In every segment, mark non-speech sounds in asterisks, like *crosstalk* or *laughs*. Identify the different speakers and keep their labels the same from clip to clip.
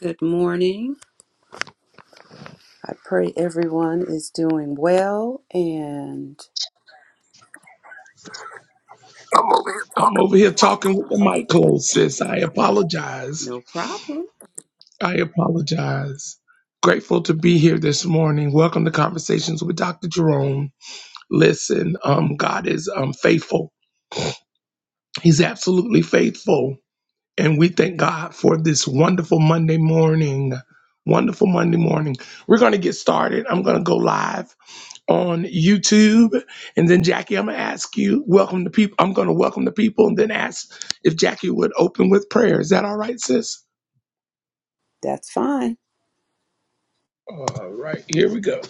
Speaker 1: Good morning. I pray everyone is doing well and
Speaker 2: I'm over here talking with the mic closed, sis. I apologize.
Speaker 1: no problem.
Speaker 2: I apologize. Grateful to be here this morning. Welcome to Conversations with Dr. Jerome. Listen, um, God is um, faithful. He's absolutely faithful. And we thank God for this wonderful Monday morning. Wonderful Monday morning. We're going to get started. I'm going to go live. on YouTube. And then Jackie, I'm gonna ask you, welcome the people. I'm gonna welcome the people and then ask if Jackie would open with prayer. Is that all right, sis?
Speaker 1: That's fine.
Speaker 2: All right, here we go.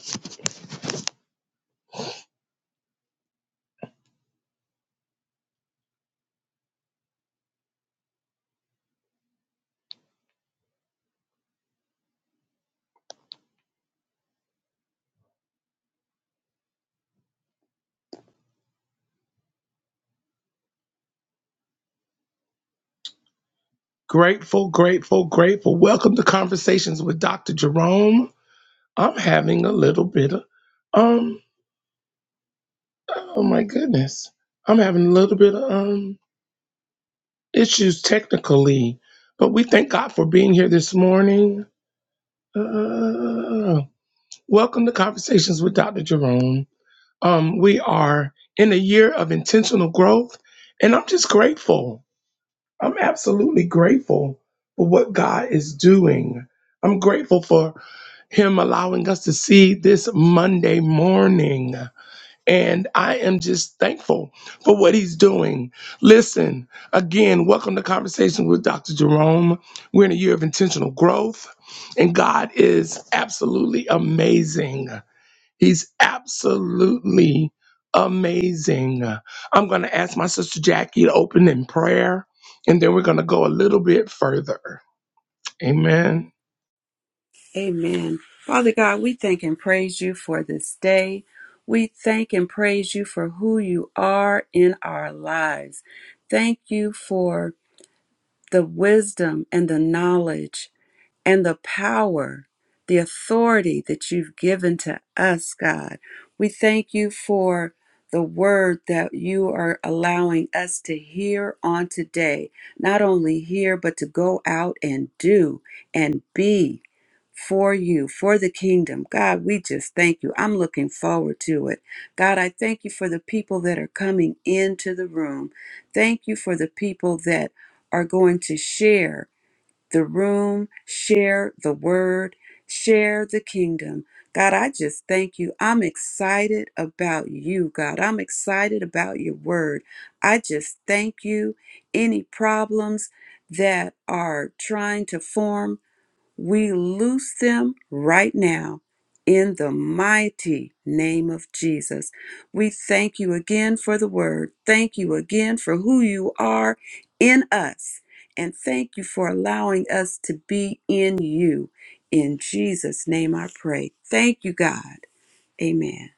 Speaker 2: Grateful, grateful, grateful. Welcome to Conversations with Dr. Jerome. I'm having a little bit of um oh my goodness. I'm having a little bit of um issues technically, but we thank God for being here this morning. Uh, welcome to Conversations with Dr. Jerome. Um, we are in a year of intentional growth, and I'm just grateful. I'm absolutely grateful for what God is doing. I'm grateful for Him allowing us to see this Monday morning. And I am just thankful for what he's doing. Listen, again, welcome to Conversation with Dr. Jerome. We're in a year of intentional growth, and God is absolutely amazing. He's absolutely amazing. I'm going to ask my sister Jackie to open in prayer, and then we're going to go a little bit further. Amen.
Speaker 1: Amen. Father God, we thank and praise you for this day. We thank and praise you for who you are in our lives. Thank you for the wisdom and the knowledge and the power, the authority that you've given to us, God. We thank you for the word that you are allowing us to hear on today, not only hear, but to go out and do and be for you, for the kingdom. God, we just thank you. I'm looking forward to it. God, I thank you for the people that are coming into the room. Thank you for the people that are going to share the room, share the word, share the kingdom. God, I just thank you. I'm excited about you, God. I'm excited about your word. I just thank you. Any problems that are trying to form we loose them right now in the mighty name of Jesus. We thank you again for the word. Thank you again for who you are in us. And thank you for allowing us to be in you. In Jesus' name I pray. Thank you, God. Amen.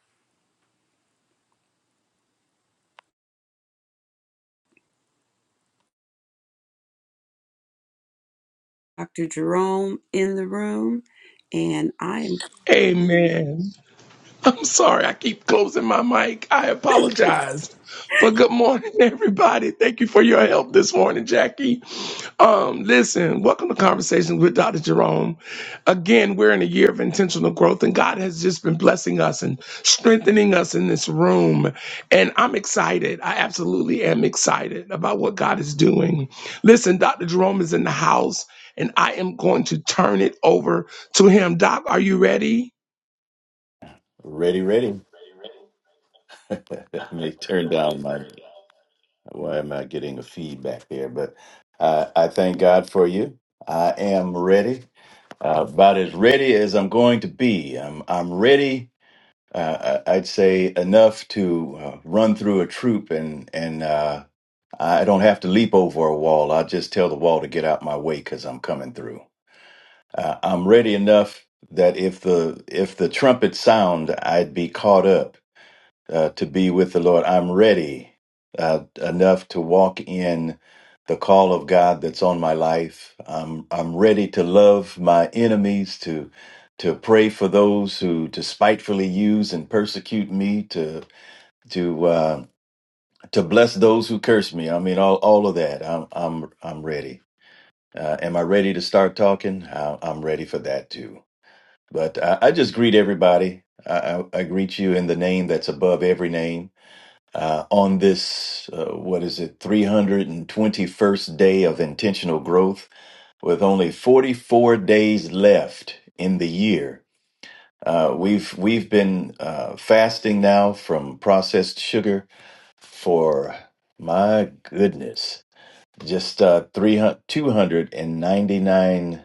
Speaker 1: Dr. Jerome in the room. And I am
Speaker 2: Amen. *laughs* I'm sorry, I keep closing my mic. I apologize. But good morning, *laughs* everybody. Thank you for your help this morning, Jackie. Um, listen, welcome to Conversations with Dr. Jerome. Again, we're in a year of intentional growth, and God has just been blessing us and strengthening us in this room. And I'm excited. I absolutely am excited about what God is doing. Listen, Dr. Jerome is in the house, and I am going to turn it over to him. Doc, are you ready?
Speaker 3: Ready, ready. *laughs* Let me turn down my. Why am I getting a feedback there? But uh, I thank God for you. I am ready, uh, about as ready as I'm going to be. I'm I'm ready. Uh, I- I'd say enough to uh, run through a troop, and and uh, I don't have to leap over a wall. I'll just tell the wall to get out my way because I'm coming through. Uh, I'm ready enough that if the if the trumpet sound, I'd be caught up uh, to be with the Lord. I'm ready uh, enough to walk in the call of God that's on my life. I'm I'm ready to love my enemies, to to pray for those who despitefully use and persecute me, to to uh, to bless those who curse me. I mean, all all of that. I'm I'm I'm ready. Uh, am I ready to start talking? I, I'm ready for that too. But I, I just greet everybody. I, I, I greet you in the name that's above every name uh, on this, uh, what is it, 321st day of intentional growth with only 44 days left in the year. Uh, we've we've been uh, fasting now from processed sugar for my goodness, just uh, 300, 299.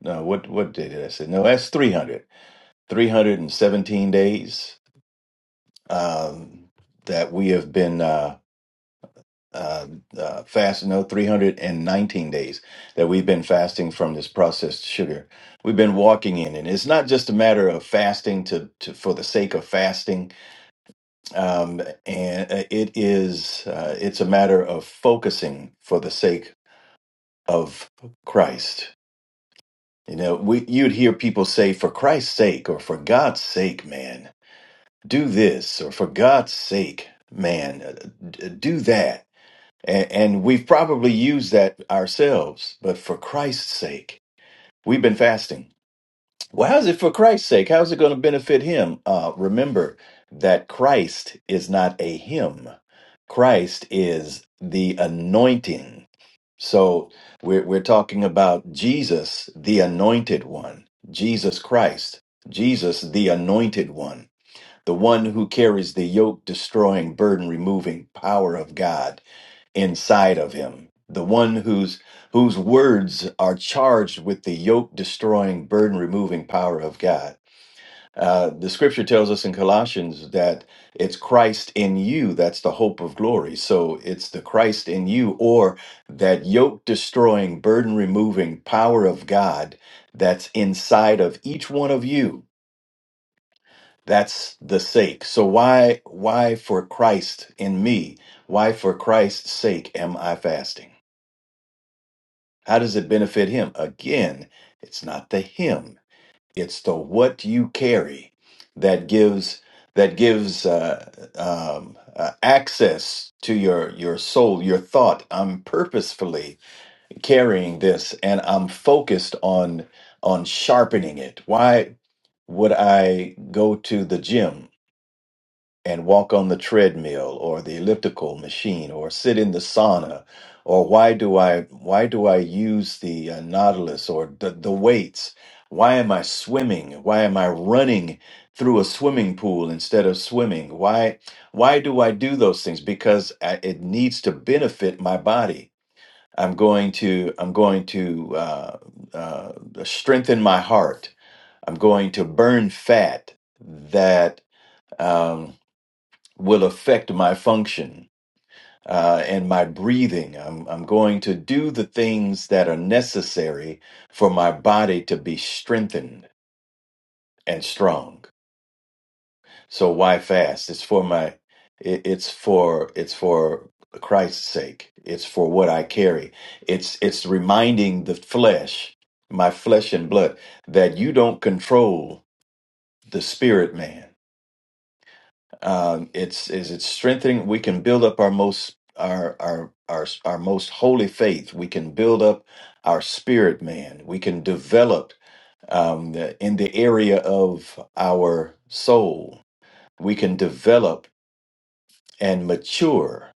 Speaker 3: No, what what day did I say? No, that's 300, 317 days um, that we have been. Uh, uh, uh, fast, no, 319 days that we've been fasting from this processed sugar. We've been walking in, and it's not just a matter of fasting to, to for the sake of fasting. Um, and uh, it is, uh, it's a matter of focusing for the sake of Christ. You know, we, you'd hear people say, for Christ's sake, or for God's sake, man, do this, or for God's sake, man, uh, d- do that And, and we've probably used that ourselves, but for Christ's sake, we've been fasting. Well, how's it for Christ's sake? How's it going to benefit him? Uh, remember that Christ is not a hymn, Christ is the anointing. So we're, we're talking about Jesus, the anointed one, Jesus Christ, Jesus, the anointed one, the one who carries the yoke destroying, burden removing power of God inside of him the one whose whose words are charged with the yoke destroying burden removing power of god uh, the scripture tells us in colossians that it's christ in you that's the hope of glory so it's the christ in you or that yoke destroying burden removing power of god that's inside of each one of you that's the sake so why why for christ in me why for christ's sake am i fasting How does it benefit him? Again, it's not the him; it's the what you carry that gives that gives uh, um, uh, access to your your soul, your thought. I'm purposefully carrying this, and I'm focused on on sharpening it. Why would I go to the gym? and walk on the treadmill or the elliptical machine or sit in the sauna or why do i why do i use the uh, nautilus or the, the weights why am i swimming why am i running through a swimming pool instead of swimming why why do i do those things because I, it needs to benefit my body i'm going to i'm going to uh, uh, strengthen my heart i'm going to burn fat that Um, will affect my function uh, and my breathing. I'm, I'm going to do the things that are necessary for my body to be strengthened and strong. So why fast? It's for my it, it's for it's for Christ's sake. It's for what I carry. It's it's reminding the flesh, my flesh and blood, that you don't control the spirit man. Um, it's is it's strengthening. We can build up our most our our our our most holy faith. We can build up our spirit man. We can develop um, the- in the area of our soul. We can develop and mature,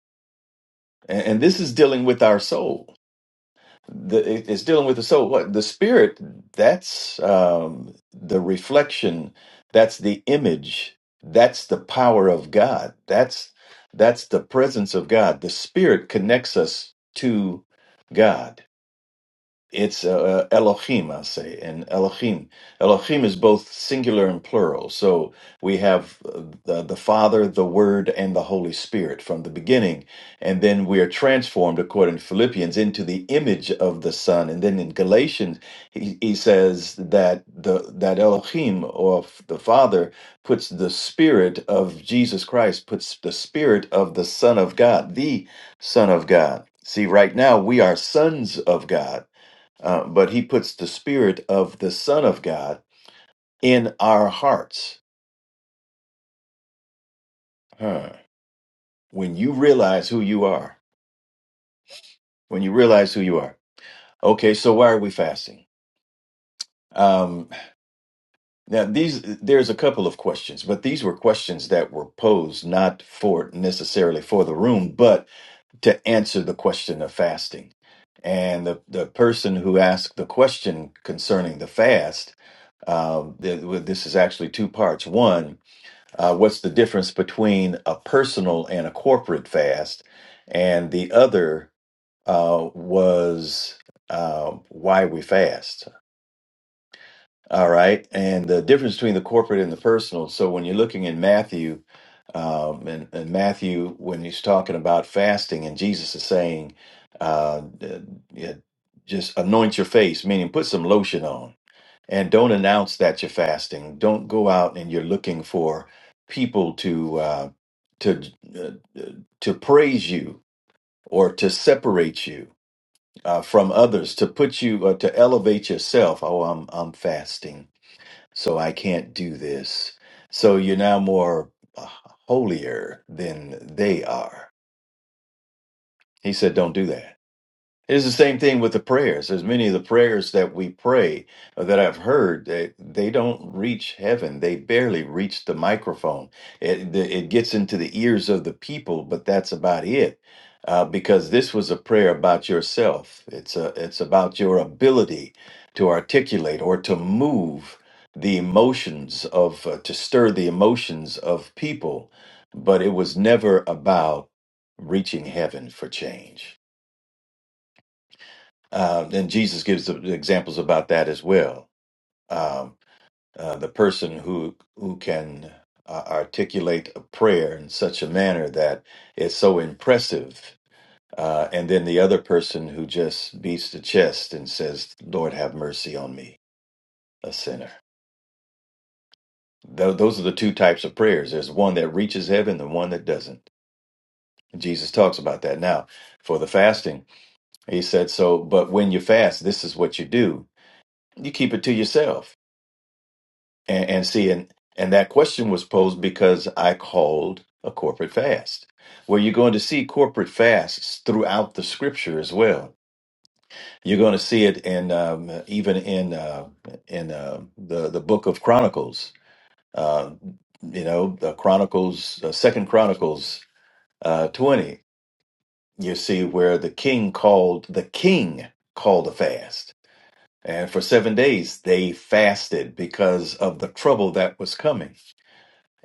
Speaker 3: and, and this is dealing with our soul the it- it's dealing with the soul what the spirit that's um the reflection that's the image that's the power of god that's that's the presence of god the spirit connects us to god it's uh, uh, Elohim, I say, and Elohim. Elohim is both singular and plural. So we have uh, the, the Father, the Word, and the Holy Spirit from the beginning. And then we are transformed, according to Philippians, into the image of the Son. And then in Galatians, he, he says that the that Elohim, or f- the Father, puts the Spirit of Jesus Christ, puts the Spirit of the Son of God, the Son of God. See, right now we are sons of God uh, but he puts the spirit of the Son of God in our hearts. Huh. When you realize who you are, when you realize who you are. Okay, so why are we fasting? Um, now these there's a couple of questions, but these were questions that were posed not for necessarily for the room, but to answer the question of fasting. And the, the person who asked the question concerning the fast, um, th- well, this is actually two parts. One, uh, what's the difference between a personal and a corporate fast? And the other uh, was uh, why we fast. All right. And the difference between the corporate and the personal. So when you're looking in Matthew, um, and, and Matthew, when he's talking about fasting, and Jesus is saying, uh, uh, yeah, just anoint your face, meaning put some lotion on and don't announce that you're fasting. Don't go out and you're looking for people to uh, to uh, to praise you or to separate you uh, from others, to put you uh, to elevate yourself. Oh, I'm I'm fasting, so I can't do this. So you're now more uh, holier than they are. He said, "Don't do that." It's the same thing with the prayers. There's many of the prayers that we pray uh, that I've heard, that they don't reach heaven. They barely reach the microphone. It, the, it gets into the ears of the people, but that's about it. Uh, because this was a prayer about yourself. It's a, it's about your ability to articulate or to move the emotions of, uh, to stir the emotions of people. But it was never about reaching heaven for change. Um, and Jesus gives the the examples about that as well. Um, uh, the person who who can uh, articulate a prayer in such a manner that it's so impressive, uh, and then the other person who just beats the chest and says, "Lord, have mercy on me, a sinner." Tho- those are the two types of prayers. There's one that reaches heaven, and one that doesn't. Jesus talks about that now. For the fasting, he said, "So, but when you fast, this is what you do: you keep it to yourself." And, and see, and, and that question was posed because I called a corporate fast, where you're going to see corporate fasts throughout the scripture as well. You're going to see it in um, even in uh, in uh, the the book of Chronicles. Uh, you know, the Chronicles, uh, Second Chronicles uh, twenty. You see where the king called the king called a fast, and for seven days they fasted because of the trouble that was coming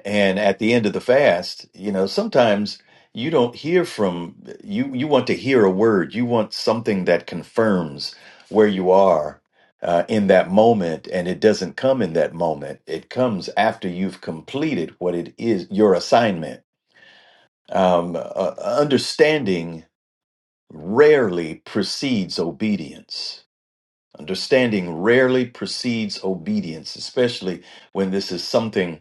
Speaker 3: And at the end of the fast, you know, sometimes you don't hear from you. You want to hear a word. You want something that confirms where you are uh, in that moment, and it doesn't come in that moment. It comes after you've completed what it is your assignment. Um, uh, understanding rarely precedes obedience. Understanding rarely precedes obedience, especially when this is something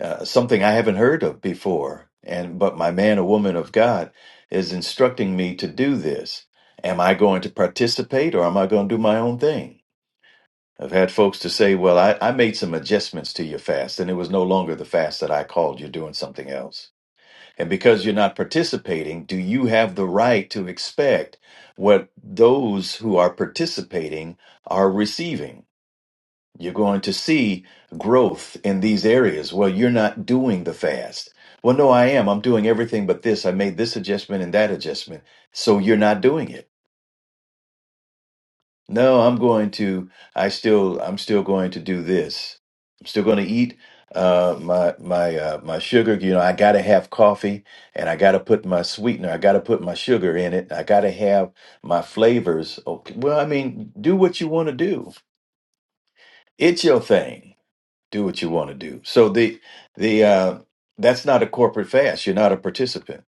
Speaker 3: uh, something I haven't heard of before. And but my man or woman of God is instructing me to do this. Am I going to participate or am I going to do my own thing? I've had folks to say, well, I, I made some adjustments to your fast, and it was no longer the fast that I called. You're doing something else. And because you're not participating, do you have the right to expect what those who are participating are receiving? You're going to see growth in these areas. Well, you're not doing the fast. Well, no, I am. I'm doing everything but this. I made this adjustment and that adjustment. So you're not doing it. No, I'm going to, I still, I'm still going to do this. I'm still going to eat uh my my uh my sugar you know i gotta have coffee and i gotta put my sweetener i gotta put my sugar in it i gotta have my flavors okay well i mean do what you want to do it's your thing do what you want to do. So the the uh, that's not a corporate fast. You're not a participant.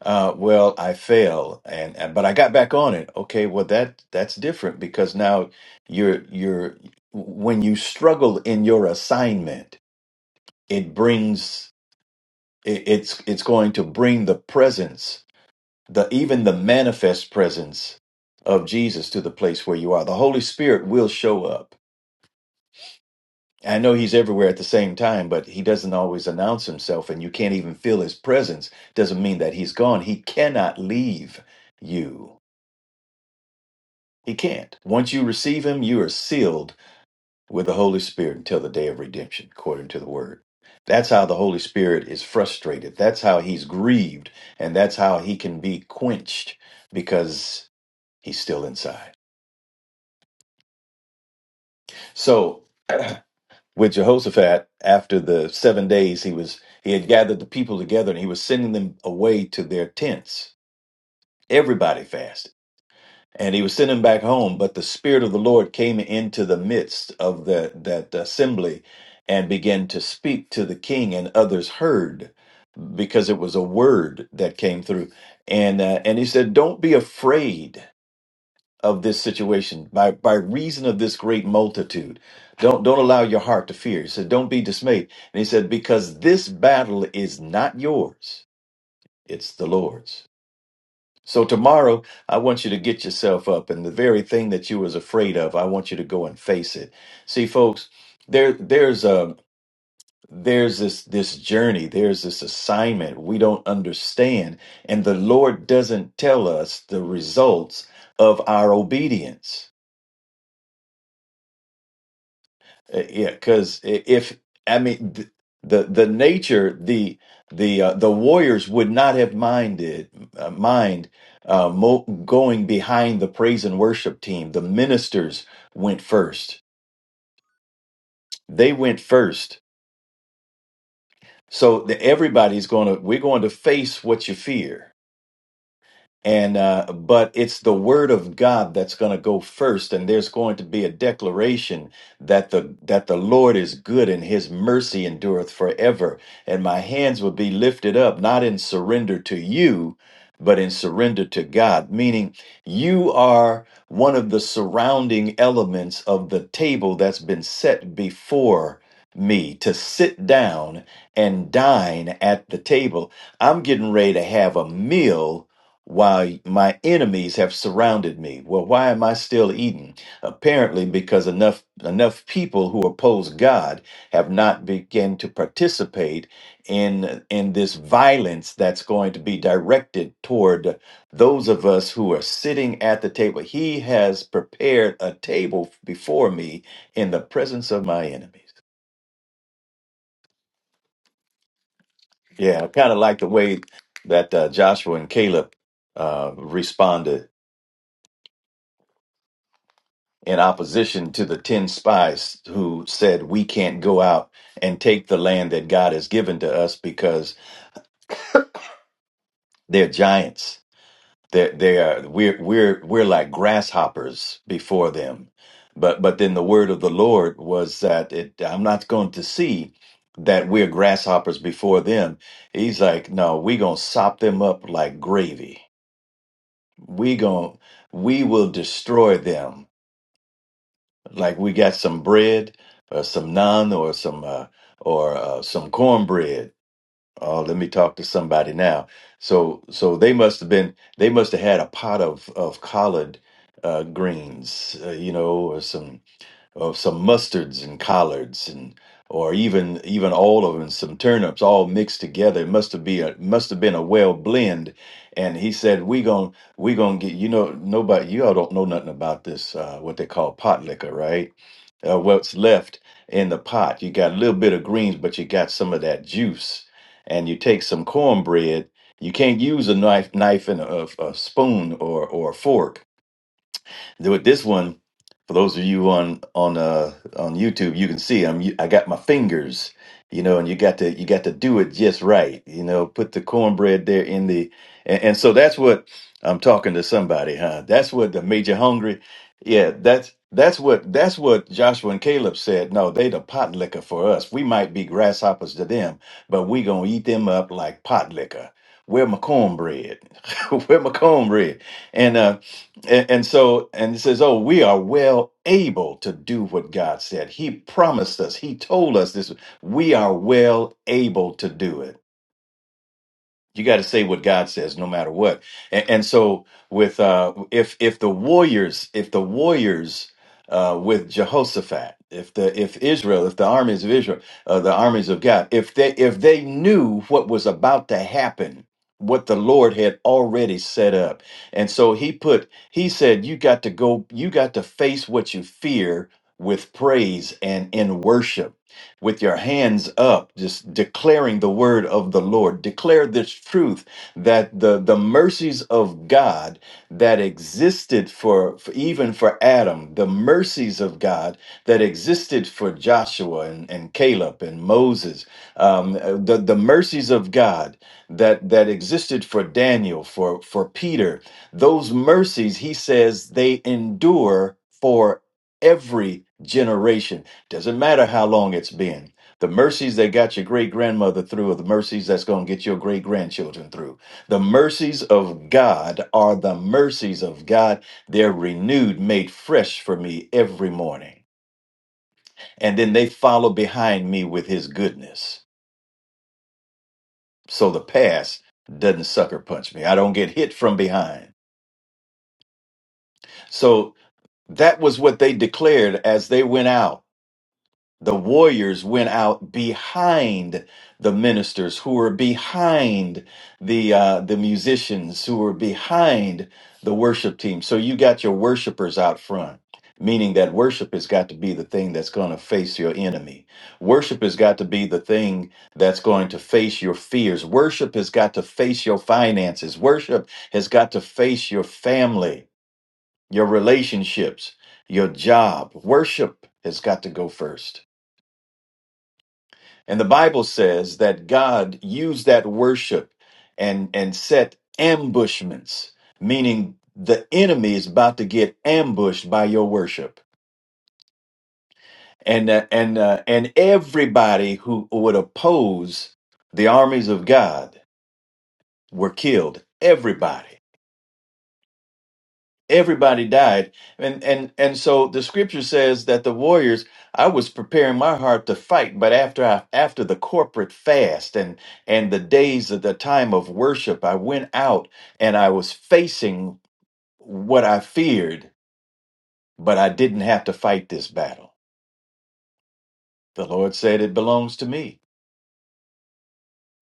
Speaker 3: Uh, well, I fail, and, and but I got back on it. Okay, well that that's different because now you're you're when you struggle in your assignment, it brings it, it's it's going to bring the presence, the even the manifest presence of Jesus to the place where you are. The Holy Spirit will show up I know he's everywhere at the same time, but he doesn't always announce himself, and you can't even feel his presence. Doesn't mean that he's gone. He cannot leave you. He can't. Once you receive him, you are sealed with the Holy Spirit until the day of redemption, according to the word. That's how the Holy Spirit is frustrated. That's how he's grieved, and that's how he can be quenched because he's still inside. So with Jehoshaphat after the seven days he was he had gathered the people together and he was sending them away to their tents. Everybody fasted. And he was sending them back home, but the Spirit of the Lord came into the midst of the, that assembly and began to speak to the king, and others heard because it was a word that came through. And, uh, and he said, Don't be afraid of this situation, by, by reason of this great multitude. Don't, don't allow your heart to fear. He said, don't be dismayed. And he said, because this battle is not yours, it's the Lord's. So tomorrow, I want you to get yourself up and the very thing that you was afraid of, I want you to go and face it. See, folks, there, there's a, there's this, this journey, there's this assignment we don't understand. And the Lord doesn't tell us the results of our obedience. Uh, Yeah, because if I mean th- the the nature the the uh, the warriors would not have minded uh, mind uh, mo going behind the praise and worship team. The ministers went first. They went first. So the, everybody's going to we're going to face what you fear. and uh, but it's the word of God that's going to go first, and there's going to be a declaration that the that the Lord is good and His mercy endureth forever, and my hands will be lifted up, not in surrender to you, but in surrender to God. Meaning, you are one of the surrounding elements of the table that's been set before me to sit down and dine at the table. I'm getting ready to have a meal while my enemies have surrounded me. Well, why am I still eating? Apparently, because enough enough people who oppose God have not begun to participate in in this violence that's going to be directed toward those of us who are sitting at the table. He has prepared a table before me in the presence of my enemies. Yeah, I kind of like the way that uh, Joshua and Caleb uh, responded in opposition to the 10 spies who said, We can't go out and take the land that God has given to us because they're giants. They're, they are, we're, we're, we're like grasshoppers before them. But, but then the word of the Lord was that it, I'm not going to see that we're grasshoppers before them. He's like, No, we're going to sop them up like gravy. We going to we will destroy them like we got some bread or some naan or some uh, or uh, some cornbread oh let me talk to somebody now so so they must have been they must have had a pot of of collard uh, greens uh, you know or some or some mustards and collards and or even even all of them and some turnips all mixed together it must have be a must have been a well blend and he said we gon' we gonna get you know nobody you all don't know nothing about this uh, what they call pot liquor right uh, what's left in the pot you got a little bit of greens but you got some of that juice and you take some cornbread you can't use a knife knife and a, a spoon or or a fork then With this one, for those of you on on uh on YouTube, you can see I'm I got my fingers, you know, and you got to you got to do it just right, you know. Put the cornbread there in the, and, and so that's what I'm talking to somebody, huh? That's what the major hungry, yeah. That's that's what that's what Joshua and Caleb said. No, they the pot liquor for us. We might be grasshoppers to them, but we gonna eat them up like pot liquor. Where my cornbread? *laughs* Where my cornbread? And uh, and, and so, and it says, Oh, we are well able to do what God said. He promised us, He told us this. We are well able to do it. You got to say what God says, no matter what. And, and so, with uh, if if the warriors, if the warriors uh, with Jehoshaphat, if the if Israel, if the armies of Israel, uh, the armies of God, if they if they knew what was about to happen, what the Lord had already set up, and so He put He said, you got to go, you got to face what you fear with praise and in worship with your hands up, just declaring the word of the Lord. Declare this truth that the, the mercies of God that existed for, for even for Adam, the mercies of God that existed for Joshua and, and Caleb and Moses, um, uh, the, the mercies of God that, that existed for Daniel, for, for Peter, those mercies, he says, they endure for every generation doesn't matter how long it's been. The mercies that got your great grandmother through are the mercies that's going to get your great grandchildren through. The mercies of God are the mercies of God. They're renewed, made fresh for me every morning. And then they follow behind me with his goodness. So the past doesn't sucker punch me. I don't get hit from behind. So that was what they declared as they went out. The warriors went out behind the ministers who were behind the uh, the musicians who were behind the worship team. So you got your worshipers out front, meaning that worship has got to be the thing that's going to face your enemy. Worship has got to be the thing that's going to face your fears. Worship has got to face your finances. Worship has got to face your family, your relationships, your job. Worship has got to go first. And the Bible says that God used that worship and, and set ambushments, meaning the enemy is about to get ambushed by your worship. And, uh, and, uh, and everybody who would oppose the armies of God were killed. Everybody. everybody died and and and so the scripture says that the warriors i was preparing my heart to fight but after i after the corporate fast and and the days of the time of worship i went out and i was facing what i feared but i didn't have to fight this battle the lord said it belongs to me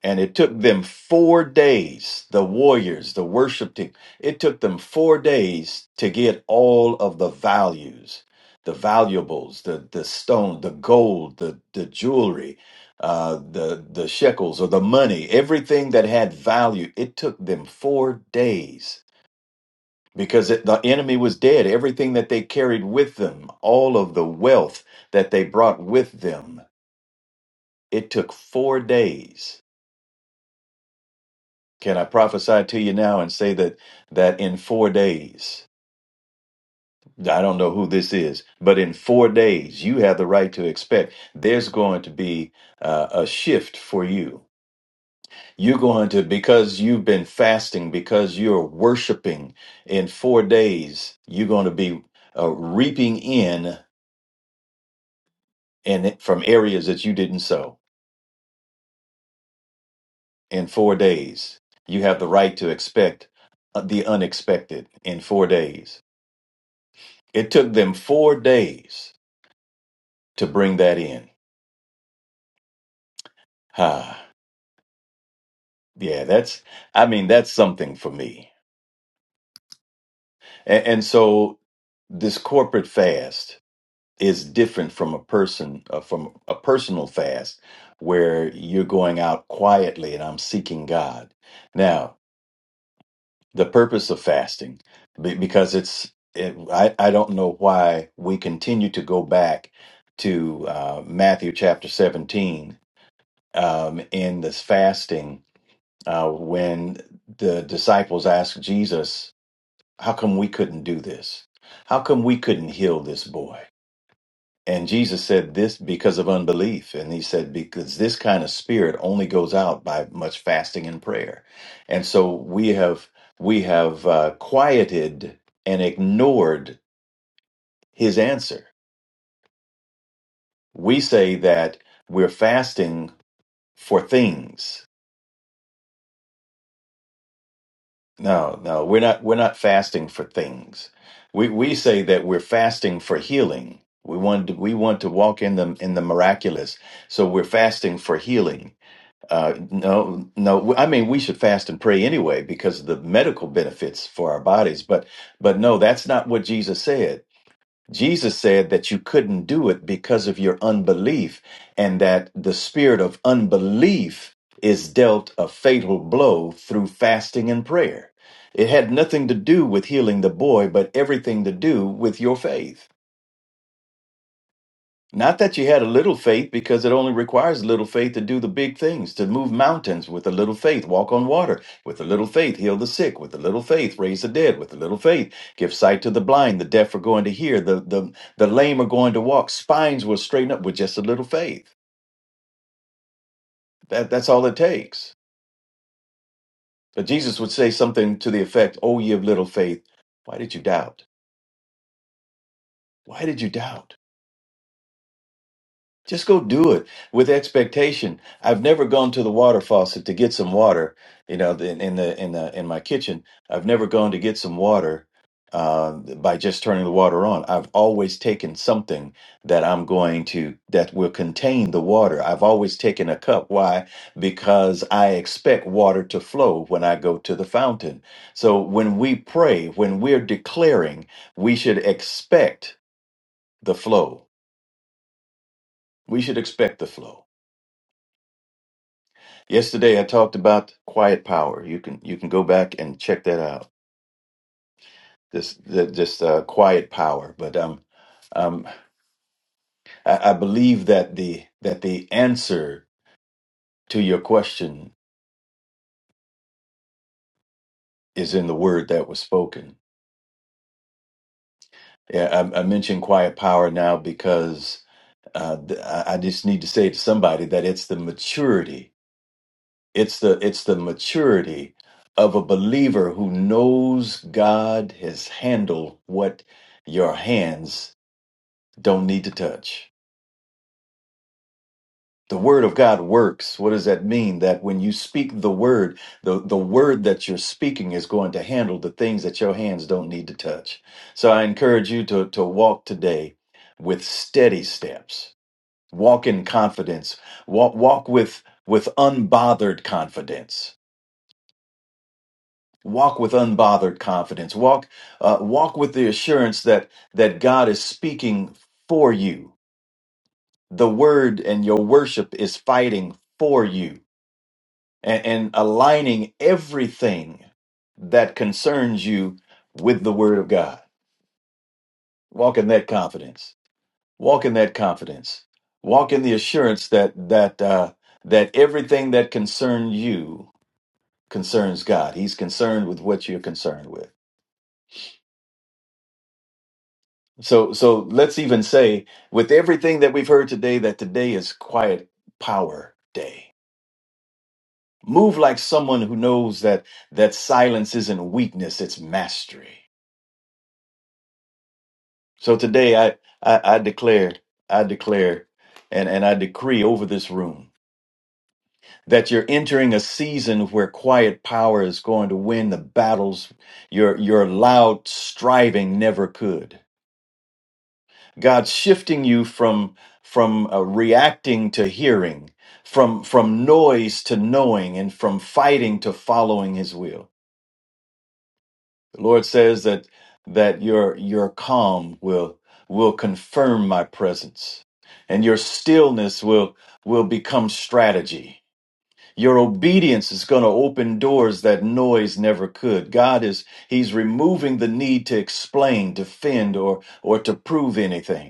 Speaker 3: And it took them four days, the warriors, the worship team, it took them four days to get all of the values, the valuables, the, the stone, the gold, the, the jewelry, uh, the, the shekels or the money, everything that had value. It took them four days because it, the enemy was dead. Everything that they carried with them, all of the wealth that they brought with them, it took four days Can I prophesy to you now and say that that in 4 days, I don't know who this is, but in 4 days you have the right to expect there's going to be uh, a shift for you. You're going to because you've been fasting, because you're worshiping in 4 days, you're going to be uh, reaping in and from areas that you didn't sow. In 4 days, you have the right to expect uh, the unexpected in 4 days. It took them four days to bring that in. Ah, yeah, that's, I mean, that's something for me. And, and so this corporate fast is different from a person, uh, from a personal fast where you're going out quietly and I'm seeking God. Now, the purpose of fasting, be- because it's, it, I, I don't know why we continue to go back to uh, Matthew chapter 17 um, in this fasting uh, when the disciples asked Jesus, How come we couldn't do this? How come we couldn't heal this boy? And Jesus said this because of unbelief. And he said, Because this kind of spirit only goes out by much fasting and prayer. And so we have we have uh, quieted and ignored his answer. We say that we're fasting for things No, no, we're not we're not fasting for things. We we say that we're fasting for healing. We want to, we want to walk in the in the miraculous. So we're fasting for healing. Uh, no, no. I mean, we should fast and pray anyway because of the medical benefits for our bodies. But but no, that's not what Jesus said. Jesus said that you couldn't do it because of your unbelief, and that the spirit of unbelief is dealt a fatal blow through fasting and prayer. It had nothing to do with healing the boy, but everything to do with your faith. Not that you had a little faith, because it only requires little faith to do the big things, to move mountains with a little faith, walk on water with a little faith, heal the sick with a little faith, raise the dead with a little faith, give sight to the blind, the deaf are going to hear, the, the, the lame are going to walk, spines will straighten up with just a little faith. That, that's all it takes. But Jesus would say something to the effect, Oh, ye of little faith, why did you doubt? Why did you doubt? Just go do it with expectation. I've never gone to the water faucet to get some water. You know, in, in the in the in my kitchen, I've never gone to get some water uh, by just turning the water on. I've always taken something that I'm going to that will contain the water. I've always taken a cup. Why? Because I expect water to flow when I go to the fountain. So when we pray, when we're declaring, we should expect the flow. We should expect the flow. Yesterday I talked about quiet power. You can you can go back and check that out. This the, just uh, quiet power. But um, um, I, I believe that the that the answer to your question is in the word that was spoken. Yeah, I, I mentioned quiet power now because uh, th- I I just need to say to somebody that it's the maturity. It's the it's the maturity of a believer who knows God has handled what your hands don't need to touch. The word of God works. What does that mean? That when you speak the word, the, the word that you're speaking is going to handle the things that your hands don't need to touch. So I encourage you to, to walk today with steady steps. Walk in confidence. Walk, walk with, with unbothered confidence. Walk with unbothered confidence. Walk, uh, walk with the assurance that, that God is speaking for you the word and your worship is fighting for you and, and aligning everything that concerns you with the word of God. Walk in that confidence. Walk in that confidence. Walk in the assurance that that uh, that everything that concerns you concerns God. He's concerned with what you're concerned with. So so let's even say with everything that we've heard today that today is quiet power day Move like someone who knows that that silence isn't weakness, it's mastery. So today I I, I declare, I declare, and, and I decree over this room that you're entering a season where quiet power is going to win the battles your your loud striving never could. God's shifting you from from uh, reacting to hearing, from from noise to knowing, and from fighting to following His will. The Lord says that that your your calm will will confirm my presence and your stillness will will become strategy. Your obedience is going to open doors that noise never could. God is he's removing the need to explain, defend or or to prove anything.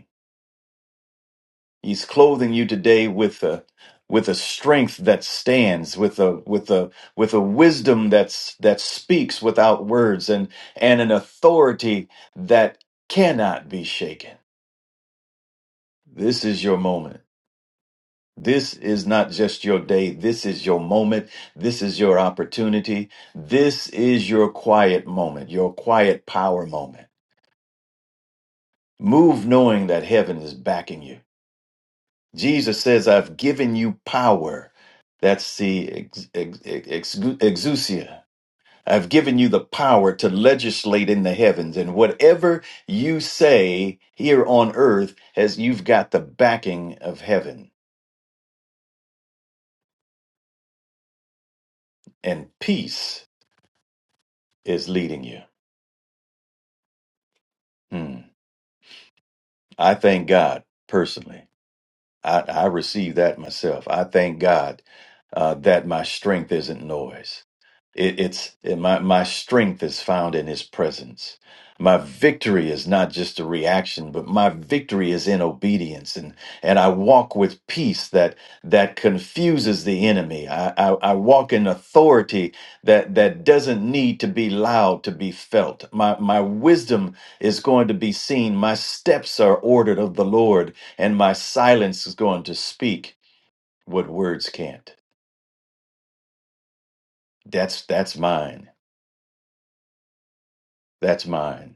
Speaker 3: He's clothing you today with a with a strength that stands, with a with a with a wisdom that's that speaks without words, and and an authority that cannot be shaken. This is your moment. This is not just your day. This is your moment. This is your opportunity. This is your quiet moment, your quiet power moment. Move knowing that heaven is backing you. Jesus says, I've given you power. That's the ex- ex- ex- exousia. I've given you the power to legislate in the heavens. And whatever you say here on earth, has you've got the backing of heaven. And peace is leading you. Hmm. I thank God personally. I, I receive that myself. I thank God uh, that my strength isn't noise. It, it's it, my my strength is found in His presence. My victory is not just a reaction, but my victory is in obedience, and and I walk with peace that that confuses the enemy. I I, I walk in authority that that doesn't need to be loud to be felt. My my wisdom is going to be seen. My steps are ordered of the Lord and my silence is going to speak what words can't. That's that's mine. That's mine,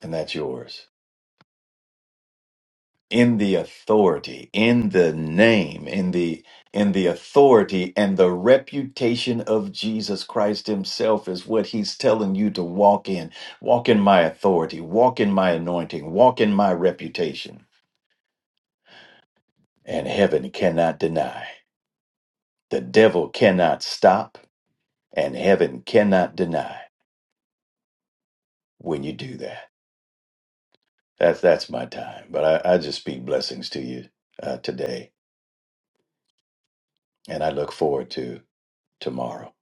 Speaker 3: and that's yours. In the authority, in the name, in the in the authority and the reputation of Jesus Christ himself is what he's telling you to walk in. Walk in my authority, walk in my anointing, walk in my reputation. And heaven cannot deny. The devil cannot stop, and heaven cannot deny when you do that. That's that's my time. But I, I just speak blessings to you uh, today, and I look forward to tomorrow.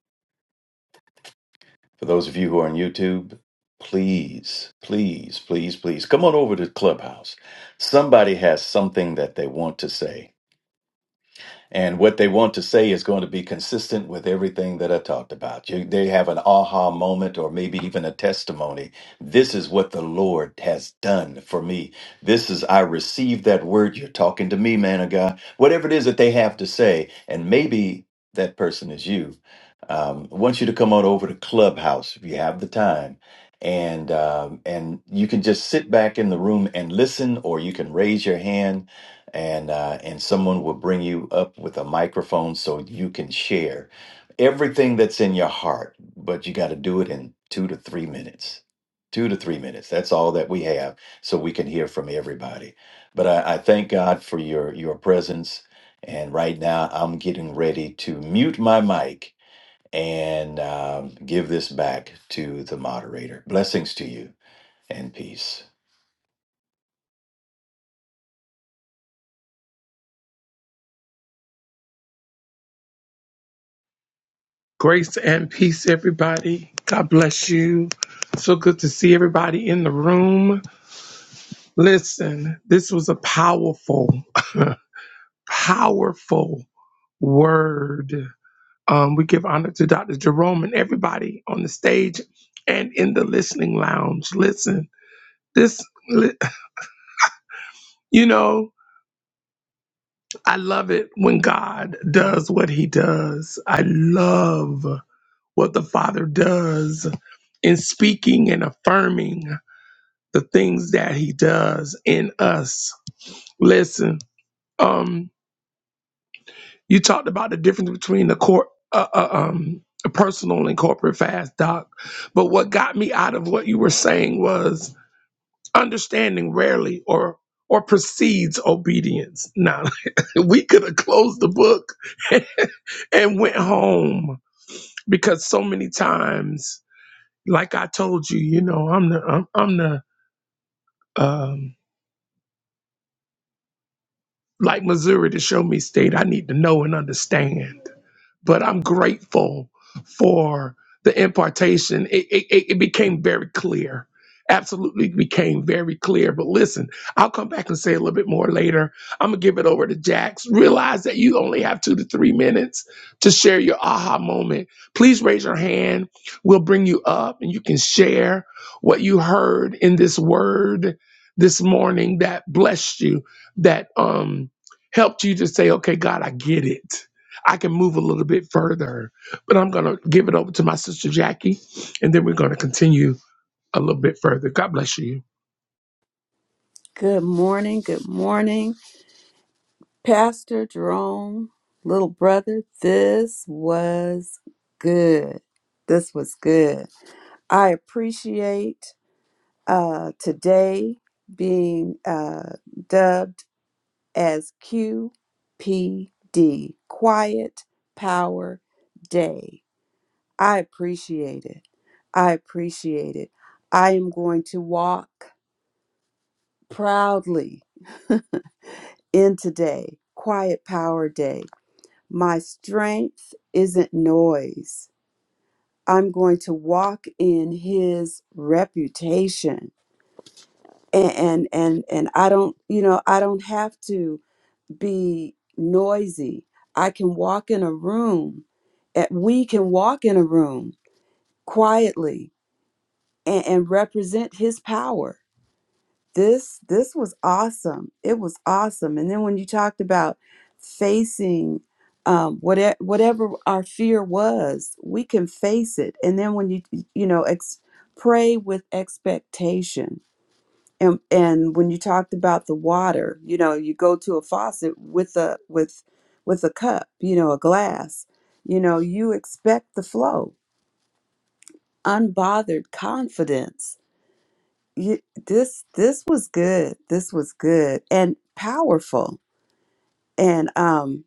Speaker 3: For those of you who are on YouTube, please, please, please, please come on over to Clubhouse. Somebody has something that they want to say And what they want to say is going to be consistent with everything that I talked about. You, they have an aha moment or maybe even a testimony. This is what the Lord has done for me. This is, I received that word. You're talking to me, man of God. Whatever it is that they have to say. And maybe that person is you. Um, I want you to come on over to Clubhouse if you have the time. And um, and you can just sit back in the room and listen, or you can raise your hand and uh, and someone will bring you up with a microphone so you can share everything that's in your heart but you got to do it in two to three minutes two to three minutes that's all that we have so we can hear from everybody but i, I thank god for your your presence and right now i'm getting ready to mute my mic and um, give this back to the moderator blessings to you and peace
Speaker 2: Grace and peace, everybody. God bless you. So good to see everybody in the room. Listen, this was a powerful, *laughs* powerful word. Um, we give honor to Dr. Jerome and everybody on the stage and in the listening lounge. Listen, this, li- you know, I love it when God does what he does. I love what the Father does in speaking and affirming. the things that he does in us. Listen, um, you talked about the difference between the court, uh, uh, um, a personal and corporate fast, Doc. But what got me out of what you were saying was understanding rarely or or precedes obedience. Now, *laughs* we could have closed the book *laughs* and went home because so many times, like I told you, you know, I'm the I'm, I'm the um, like Missouri to show me state I need to know and understand but I'm grateful for the impartation. It, it, it it became very clear. Absolutely became very clear. But listen, I'll come back and say a little bit more later. I'm going to give it over to Jax. Realize that you only have two to three minutes to share your aha moment. Please raise your hand. We'll bring you up and you can share what you heard in this word this morning that blessed you, that um, helped you to say, okay, God, I get it I can move a little bit further, but I'm going to give it over to my sister Jackie, and then we're going to continue a little bit further. God bless you.
Speaker 1: good morning. Good morning. Pastor Jerome, little brother, this was good. This was good. I appreciate uh, today being uh, dubbed as QPD, Quiet Power Day. I appreciate it. I appreciate it. I am going to walk proudly *laughs* in today, Quiet Power Day My strength isn't noise. I'm going to walk in his reputation. And and and, and I don't, you know, I don't have to be noisy. I can walk in a room. eh, We can walk in a room quietly and, and represent his power this this was awesome it was awesome and then when you talked about facing um, whatever whatever our fear was we can face it and then when you you know ex- pray with expectation and and when you talked about the water you know you go to a faucet with a with with a cup you know a glass you know you expect the flow unbothered confidence you, this this was good. This was good and powerful. And um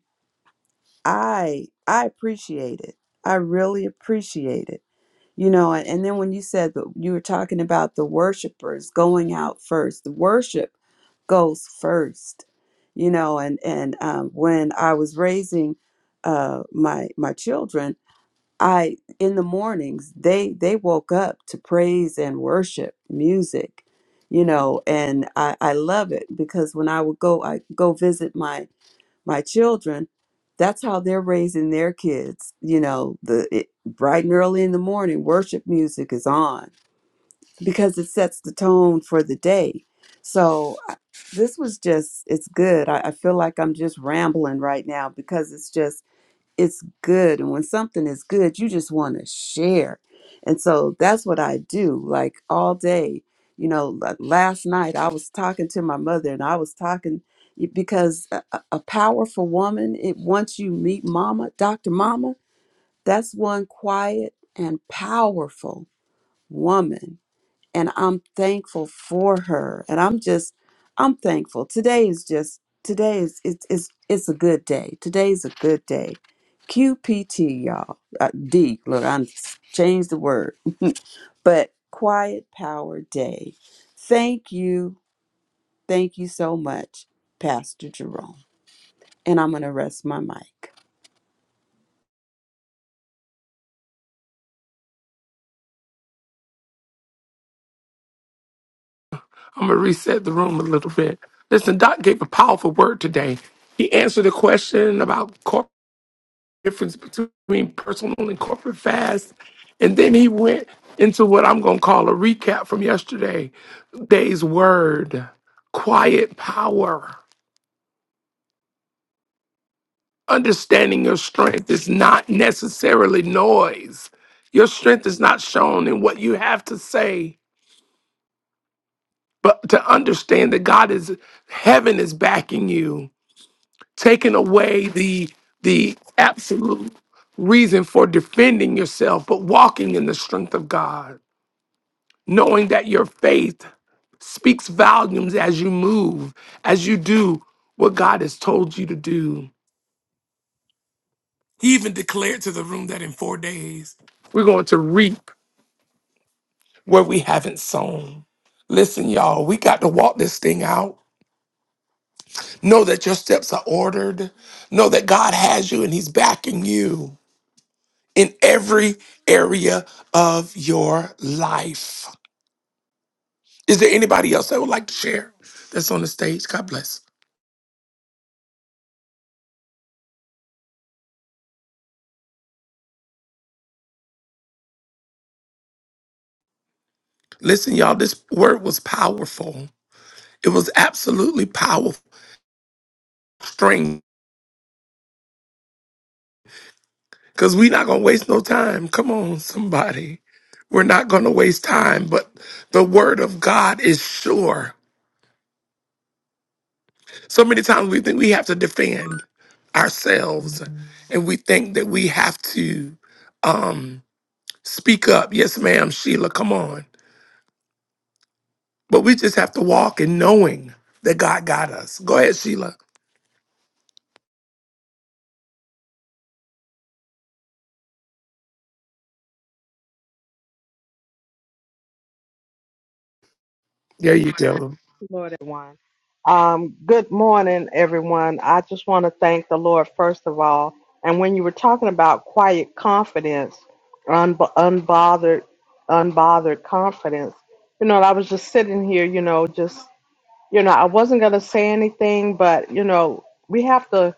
Speaker 1: I I appreciate it. I really appreciate it. You know, and, and then when you said that you were talking about the worshipers going out first, the worship goes first. You know, and and um, when I was raising uh, my my children, I in the mornings they they woke up to praise and worship music, you know, and I I love it because when I would go I go visit my my children, that's how they're raising their kids, you know, the it, bright and early in the morning worship music is on because it sets the tone for the day. So I- this was just it's good. I, I feel like I'm just rambling right now because it's just it's good and when something is good you just want to share and so that's what i do like all day you know like last night i was talking to my mother and i was talking because a, a a powerful woman it once you meet mama dr mama that's one quiet and powerful woman and I'm thankful for her. And I'm just, I'm thankful. Today is just, today is, it's, it's, it's a good day. Today's a good day. QPT, y'all. Uh, D, look, I changed the word, but Quiet Power Day. Thank you. Thank you so much, Pastor Jerome. And I'm going to rest my mic.
Speaker 2: I'm going to reset the room a little bit. Listen, Doc gave a powerful word today. He answered a question about corporate difference between personal and corporate fast, and then he went into what I'm going to call a recap from yesterday day's word, quiet power. Understanding your strength is not necessarily noise. Your strength is not shown in what you have to say, but to understand that God is heaven is backing you, taking away the the absolute reason for defending yourself, but walking in the strength of God, knowing that your faith speaks volumes as you move, as you do what God has told you to do. He even declared to the room that in four days, we're going to reap where we haven't sown. Listen, y'all, we got to walk this thing out. Know that your steps are ordered. Know that God has you and He's backing you in every area of your life. Is there anybody else that would like to share that's on the stage? God bless. Listen, y'all, this word was powerful. It was absolutely powerful. Strength Cause we not gonna waste no time. Come on, somebody. We're not gonna waste time, but the word of God is sure. So many times we think we have to defend ourselves and we think that we have to um speak up. Yes, ma'am, Sheila, come on. But we just have to walk in knowing that God got us. Go ahead, Sheila. There you go.
Speaker 4: Lord, everyone. Um, good morning, everyone. I just want to thank the Lord first of all. And when you were talking about quiet confidence, un- unbothered, unbothered confidence, you know, I was just sitting here, you know, just you know, I wasn't gonna say anything, but you know, we have to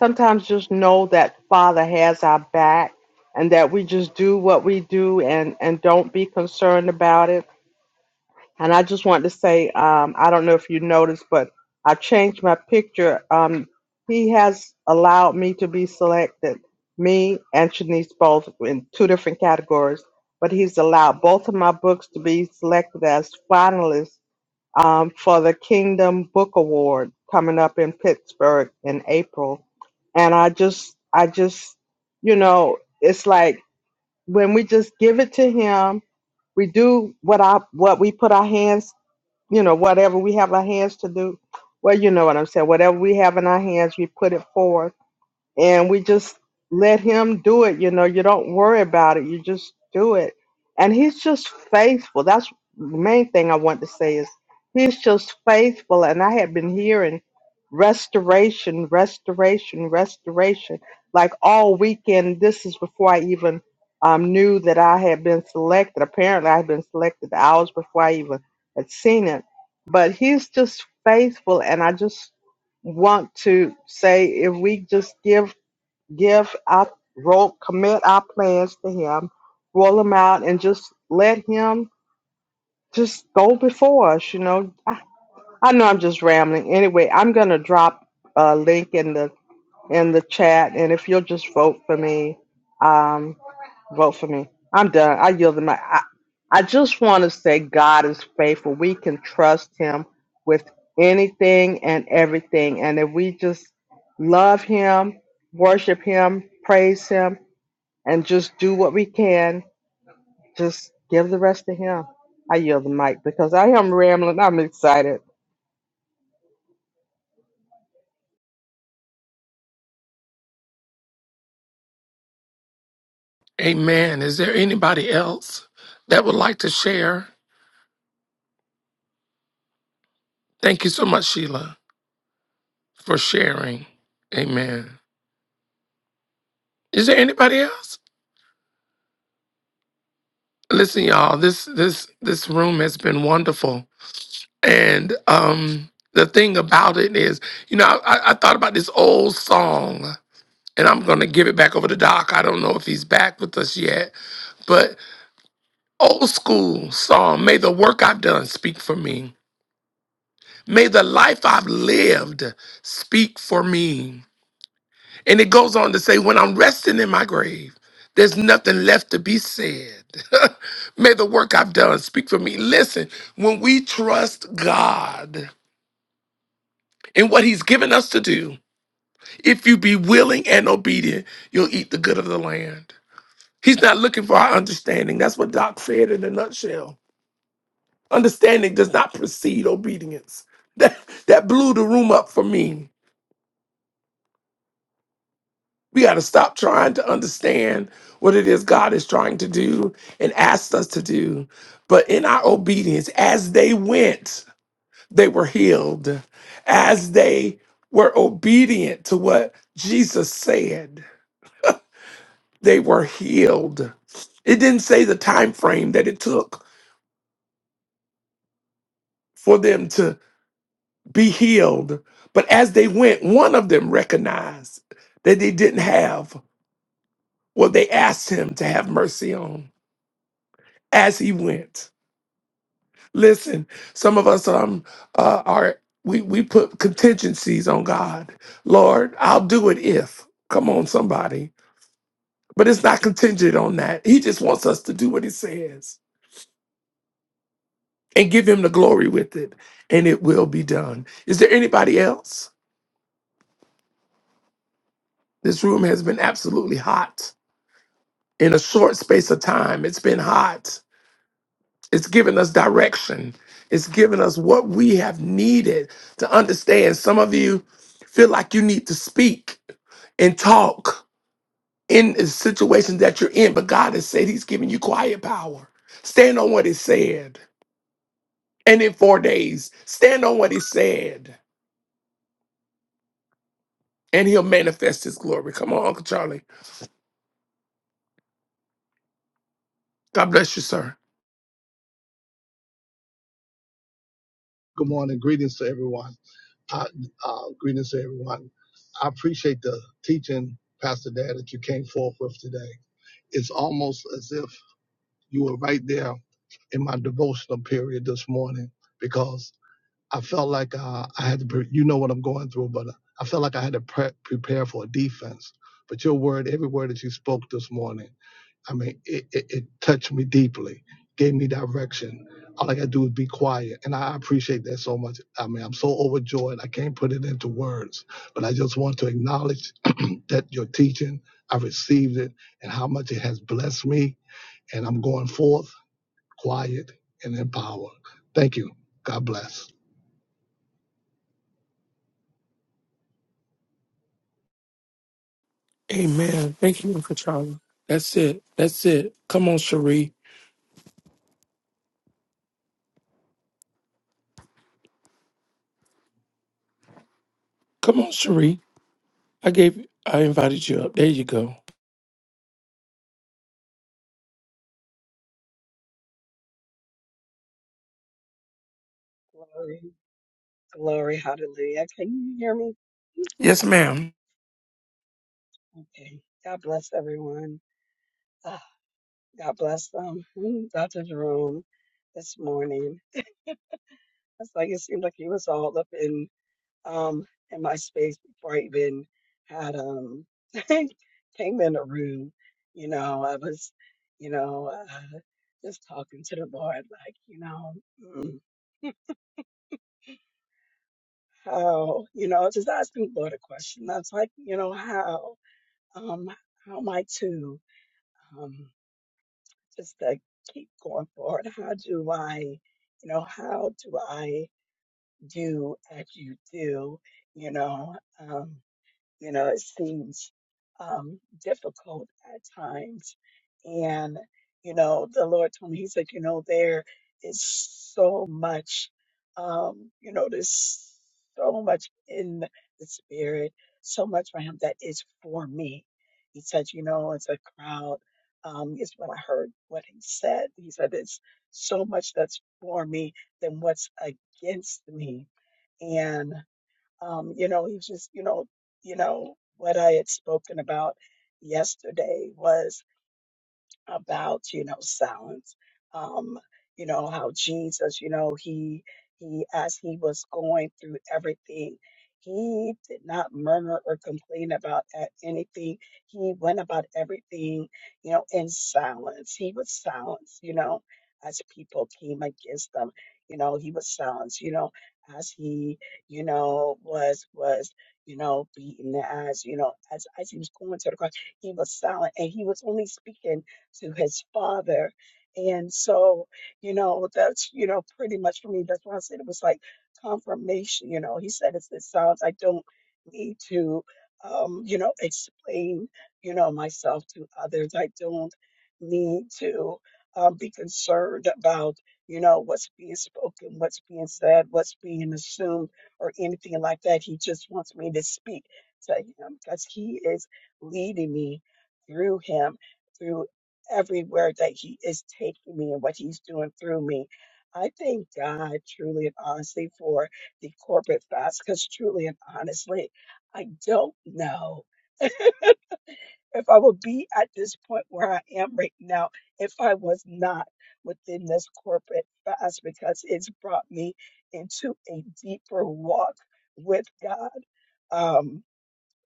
Speaker 4: sometimes just know that Father has our back, and that we just do what we do and and don't be concerned about it and I just wanted to say, um, I don't know if you noticed, but I changed my picture. Um, he has allowed me to be selected, me and Shanice both in two different categories, but he's allowed both of my books to be selected as finalists um, for the Kingdom Book Award coming up in Pittsburgh in April. And I just, I just, you know, it's like when we just give it to him, we do what I what we put our hands you know, whatever we have our hands to do. Well, you know what I'm saying. Whatever we have in our hands, we put it forth and we just let him do it you know you don't worry about it you just do it and he's just faithful that's the main thing i want to say is he's just faithful and i have been hearing restoration restoration restoration like all weekend this is before i even um, knew that i had been selected apparently i had been selected hours before i even had seen it but he's just faithful and i just want to say if we just give give our roll, commit our plans to Him, roll them out, and just let Him just go before us. You know, I know I'm just rambling. Anyway, I'm gonna drop a link in the in the chat, and if you'll just vote for me, um, vote for me. I'm done. I yield the mic. I, I just want to say God is faithful. We can trust Him with anything and everything, and if we just love Him, worship Him, praise Him and just do what we can. Just give the rest to Him. I yield the mic because I am rambling. I'm excited.
Speaker 2: Amen. Is there anybody else that would like to share? Thank you so much, Sheila, for sharing. Amen. Is there anybody else? Listen, y'all, this this this room has been wonderful. And um the thing about it is, you know, I, I thought about this old song, and I'm gonna give it back over to Doc. I don't know if he's back with us yet, but old school song, may the work I've done speak for me. May the life I've lived speak for me. And it goes on to say, when I'm resting in my grave, there's nothing left to be said. *laughs* May the work I've done speak for me. Listen, when we trust God in what He's given us to do, if you be willing and obedient, you'll eat the good of the land. He's not looking for our understanding. That's what Doc said in a nutshell. Understanding does not precede obedience. *laughs* That, that blew the room up for me. We got to stop trying to understand what it is God is trying to do and asked us to do. But in our obedience, as they went, they were healed. As they were obedient to what Jesus said, they were healed. It didn't say the time frame that it took for them to be healed, but as they went, one of them recognized that they didn't have what they asked him to have mercy on as he went. Listen, some of us um uh, are we we put contingencies on God. Lord, I'll do it if. Come on, somebody. But it's not contingent on that. He just wants us to do what he says and give him the glory with it, and it will be done. Is there anybody else? This room has been absolutely hot in a short space of time. It's been hot. It's given us direction. It's given us what we have needed to understand. Some of you feel like you need to speak and talk in the situation that you're in, but God has said He's giving you quiet power. Stand on what He said. And in four days, stand on what He said, and He'll manifest His glory. Come on, Uncle Charlie. God bless you, sir.
Speaker 5: Good morning. Greetings to everyone. I, uh, greetings to everyone. I appreciate the teaching, Pastor Dad, that you came forth with today. It's almost as if you were right there in my devotional period this morning because I felt like uh, I had to, pre- you know what I'm going through, but uh, I felt like I had to pre- prepare for a defense. But your word, every word that you spoke this morning, I mean, it, it, it touched me deeply, gave me direction. All I gotta do is be quiet, and I appreciate that so much. I mean, I'm so overjoyed I can't put it into words, but I just want to acknowledge that your teaching, I received it, and how much it has blessed me. And I'm going forth quiet and in power. Thank you. God bless.
Speaker 2: Amen. Thank you, Uncle Charlie. That's it. That's it. Come on, Cherie. Come on, Cherie. I gave. I invited you up. There you go.
Speaker 6: Glory, glory, hallelujah. Can you hear me?
Speaker 2: Yes, ma'am.
Speaker 6: Okay. God bless everyone. Ah, God bless them. Mm, Dr. Jerome this morning. It's like it seemed like he was all up in um in my space before I even had um *laughs* came in the room. You know, I was, you know, uh, just talking to the Lord, like, you know, mm, how, you know, just asking the Lord a question. That's like, you know, how, um, how am I to? um, just to keep going forward. How do I, you know, how do I do as you do? You know, um, you know, it seems um, difficult at times. And, you know, the Lord told me, He's like, you know, there is so much, um, you know, there's so much in the Spirit, so much for Him that is for me. He said, you know, it's a crowd. Um, is when I heard what he said. He said, it's so much that's for me than what's against me. and. Um, you know, he just, you know, you know, what I had spoken about yesterday was about you know silence um you know how jesus you know he he as he was going through everything he did not murmur or complain about a- anything he went about everything you know in silence he was silence you know as people came against them you know he was silence you know as he you know was was you know beaten as you know as as he was going to the cross he was silent and he was only speaking to his father. And so, you know, that's, you know, pretty much for me, that's why I said it was like confirmation. You know, he said it's it sounds I don't need to um, you know, explain, you know, myself to others. I don't need to um, be concerned about, you know, what's being spoken, what's being said, what's being assumed, or anything like that. He just wants me to speak to him because he is leading me through him through everywhere that He is taking me and what He's doing through me. I thank God truly and honestly for the corporate fast because truly and honestly, I don't know if I would be at this point where I am right now if I was not within this corporate fast because it's brought me into a deeper walk with God. Um,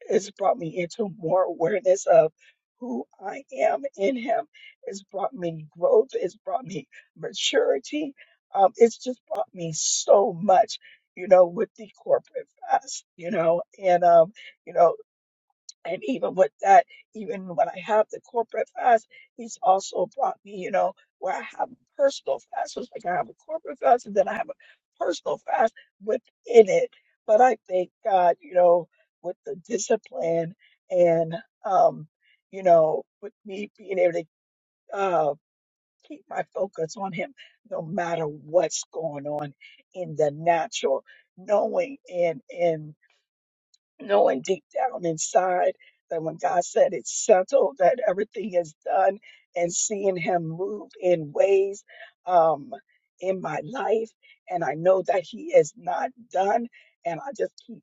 Speaker 6: it's brought me into more awareness of who I am in Him. It's brought me growth. It's brought me maturity. Um, it's just brought me so much, you know, with the corporate fast, you know, and um, you know. And even with that, even when I have the corporate fast, he's also brought me, you know, where I have personal fast. So It's like I have a corporate fast and then I have a personal fast within it. But I thank God, you know, with the discipline and, um, you know, with me being able to uh, keep my focus on him no matter what's going on in the natural, knowing and, and knowing deep down inside that when God said it's settled, that everything is done, and seeing Him move in ways um, in my life. And I know that He is not done. And I just keep,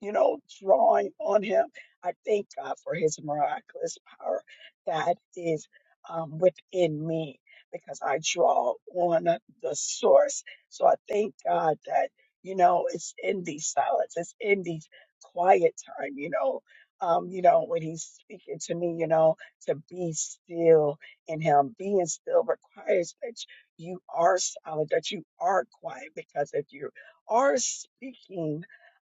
Speaker 6: you know, drawing on Him. I thank God for His miraculous power that is um, within me because I draw on the source. So I thank God that. You know, it's in these silence. It's in these quiet time, you know. Um, you know, when he's speaking to me, you know, to be still in him. Being still requires that you are solid, that you are quiet, because if you are speaking,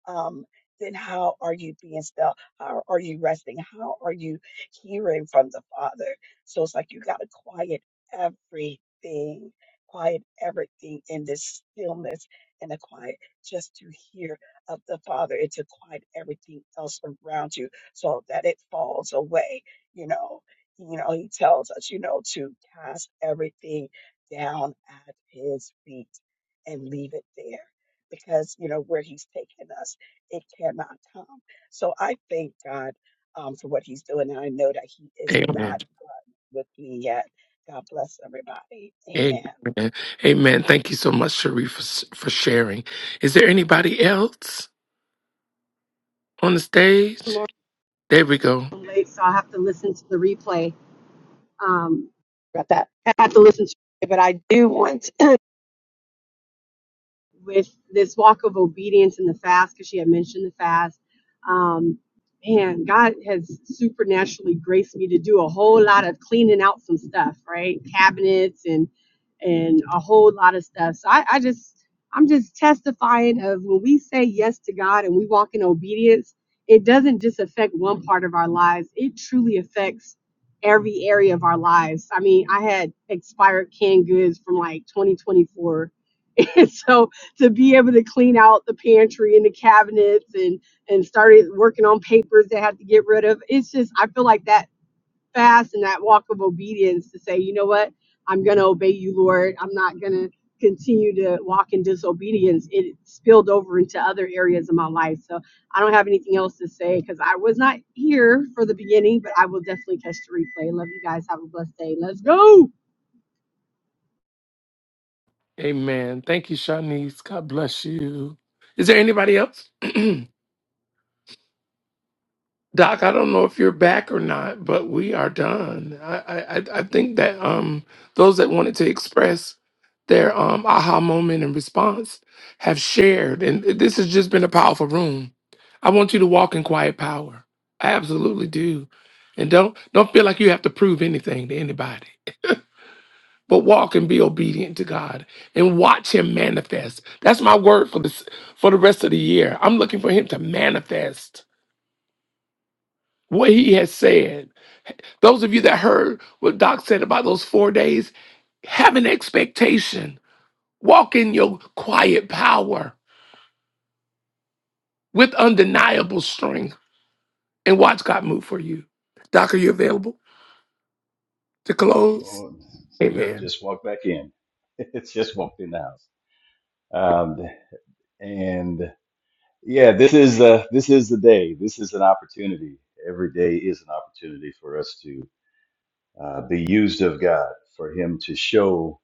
Speaker 6: um, then how are you being still? How are you resting? How are you hearing from the Father? So it's like you got to quiet everything, quiet everything in this stillness and the quiet just to hear of the Father and to quiet everything else around you so that it falls away. You know, you know, he tells us, you know, to cast everything down at his feet and leave it there because, you know, where he's taken us, it cannot come. So I thank God um, for what he's doing. And I know that he is not
Speaker 2: Amen.
Speaker 6: with me yet. God bless everybody. Amen.
Speaker 2: Amen. Amen. Thank you so much, Sharif, for, s- for sharing. Is there anybody else on the stage?
Speaker 7: Laura
Speaker 2: There we go.
Speaker 7: late, so I'll have to listen to the replay. Um, Got that. I have to listen to it, but I do want with this walk of obedience and the fast because she had mentioned the fast. Um, man, God has supernaturally graced me to do a whole lot of cleaning out some stuff, right? Cabinets and and a whole lot of stuff. So I, I just I'm just testifying of when we say yes to God and we walk in obedience, it doesn't just affect one part of our lives. It truly affects every area of our lives. I mean, I had expired canned goods from like 2024. *laughs* And so to be able to clean out the pantry and the cabinets and and started working on papers that had to get rid of. It's just I feel like that fast and that walk of obedience to say, you know what, I'm gonna obey you, Lord. I'm not gonna continue to walk in disobedience. It spilled over into other areas of my life. So I don't have anything else to say because I was not here for the beginning, but I will definitely catch the replay. Love you guys. Have a blessed day. Let's go.
Speaker 2: Amen. Thank you, Shanice. God bless you. Is there anybody else? *clears throat* Doc, I don't know if you're back or not, but we are done. I I, I I think that um those that wanted to express their um aha moment and response have shared, and this has just been a powerful room. I want you to walk in quiet power. I absolutely do, and don't don't feel like you have to prove anything to anybody. But walk and be obedient to God, and watch Him manifest. That's my word for this for the rest of the year. I'm looking for Him to manifest what He has said Those of you that heard what Doc said about those four days, have an expectation. Walk in your quiet power with undeniable strength and watch God move for you. Doc, are you available to close?
Speaker 3: Oh, well,
Speaker 2: Amen.
Speaker 3: just walk back in. *laughs* in house. Um, and yeah, every day is an opportunity for us to uh, be used of God, for Him to show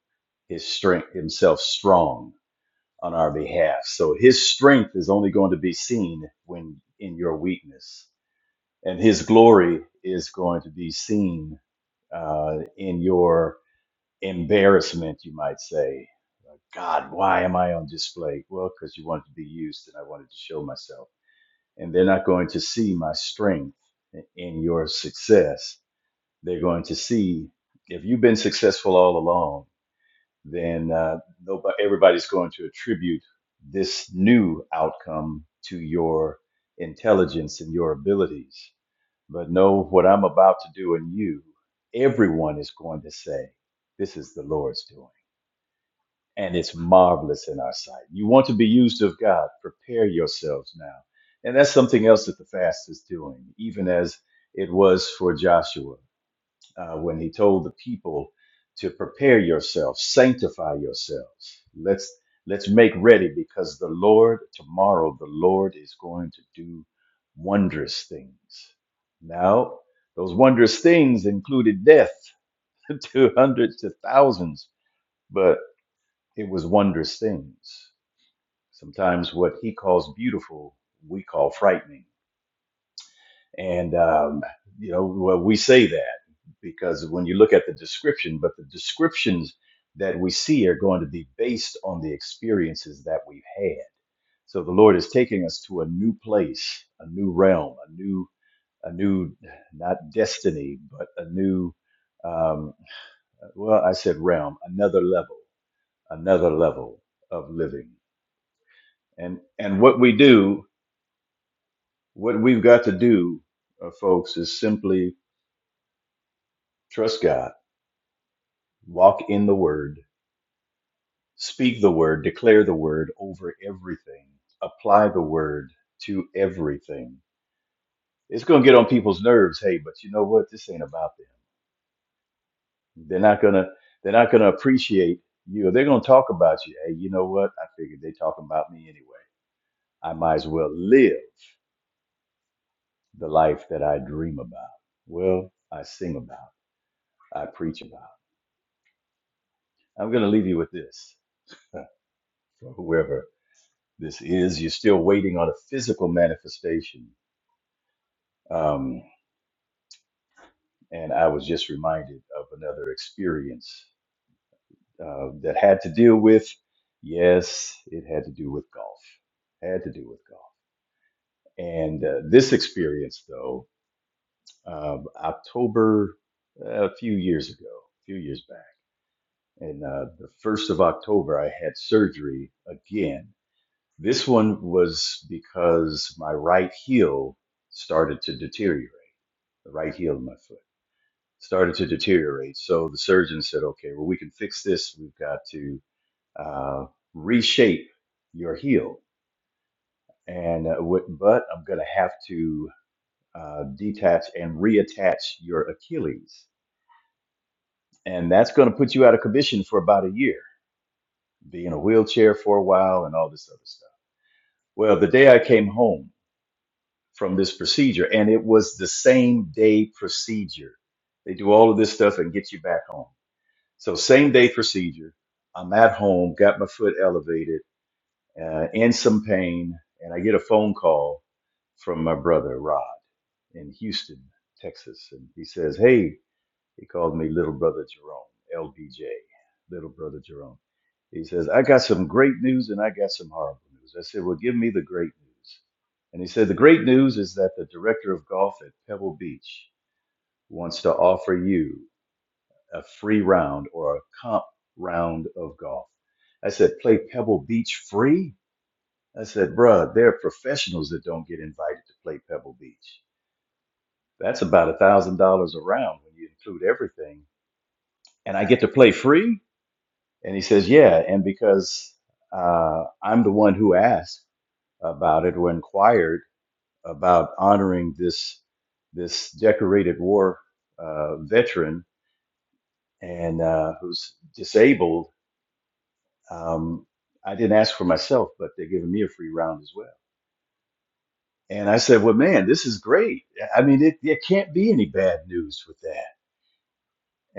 Speaker 3: His strength, Himself strong on our behalf. So His strength is only going to be seen when in your weakness, and His glory is going to be seen uh, in your embarrassment, you might say. God, why am I on display? Well, because you wanted to be used, and I wanted to show myself. and they're not going to see my strength in your success. They're going to see if you've been successful all along, then uh, nobody, everybody's going to attribute this new outcome to your intelligence and your abilities. But know what I'm about to do in you, everyone is going to say, This is the Lord's doing and it's marvelous in our sight. You want to be used of God, prepare yourselves now. And that's something else that the fast is doing, even as it was for Joshua uh, when he told the people to prepare yourselves, sanctify yourselves. Let's let's make ready because the Lord tomorrow the Lord is going to do wondrous things. Now, those things included death *laughs* to hundreds to thousands, but it was wondrous things Sometimes what he calls beautiful, we call frightening. And, um, you know, well, we say that because when you look at the description, but the descriptions that we see are going to be based on the experiences that we've had. So the Lord is taking us to a new place, a new realm, a new, a new, not destiny, but a new, um, well, I said realm, another level, another level of living. And, and what we do What we've got to do, uh, folks, is simply trust God, walk in the word, speak the word, declare the word over everything, apply the word to everything. It's going to get on people's nerves, hey, but you know what? This ain't about them. They're not going to they're not going to appreciate you. They're going to talk about you. Hey, you know what? I figured they talking about me anyway. I might as well live the life that I dream about. Well, I sing about, I preach about. I'm going to leave you with this. for whoever. This is, you're still not a physical manifestation. Um, and I was just reminded of another experience uh, that had to deal with, yes, it had to do with golf. Had to do with golf. And uh, this experience, though, um, October, uh, a few years ago, a few years back, and uh, the 1st of October, I had surgery again. This one was because my right heel started to deteriorate, the right heel of my foot started to deteriorate. So the surgeon said, okay, well, we can fix this. We've got to uh, reshape your heel. And uh, what, but I'm going to have to uh, detach and reattach your Achilles. And that's going to put you out of commission for about a year, be in a wheelchair for a while and all this other stuff. Well, the day I came home from this procedure, and it was the same day procedure. They do all of this stuff and get you back home. So same day procedure. I'm at home, got my foot elevated, uh, in some pain, and I get a phone call from my brother Rod in Houston, Texas, and he said, "He called little brother Jerome, LBJ, little brother Jerome." He says, "I got some great news and I got some horrible news." I said, "Well, give me the great news." And he said, "The great news is that the director of golf at Pebble Beach wants to offer you." a free round or a comp round of golf. I said, play Pebble Beach free? I said, bruh, there are professionals that don't get invited to play Pebble Beach. That's about a thousand dollars a round when you include everything. And I get to play free? And he says, yeah. And because uh, I'm the one who asked about it or inquired about honoring this this decorated war uh, veteran and uh, who's disabled Um, I didn't ask for myself, but they're giving me a free round as well. And I said, Well, man, this is great. I mean, it, it can't be any bad news with that.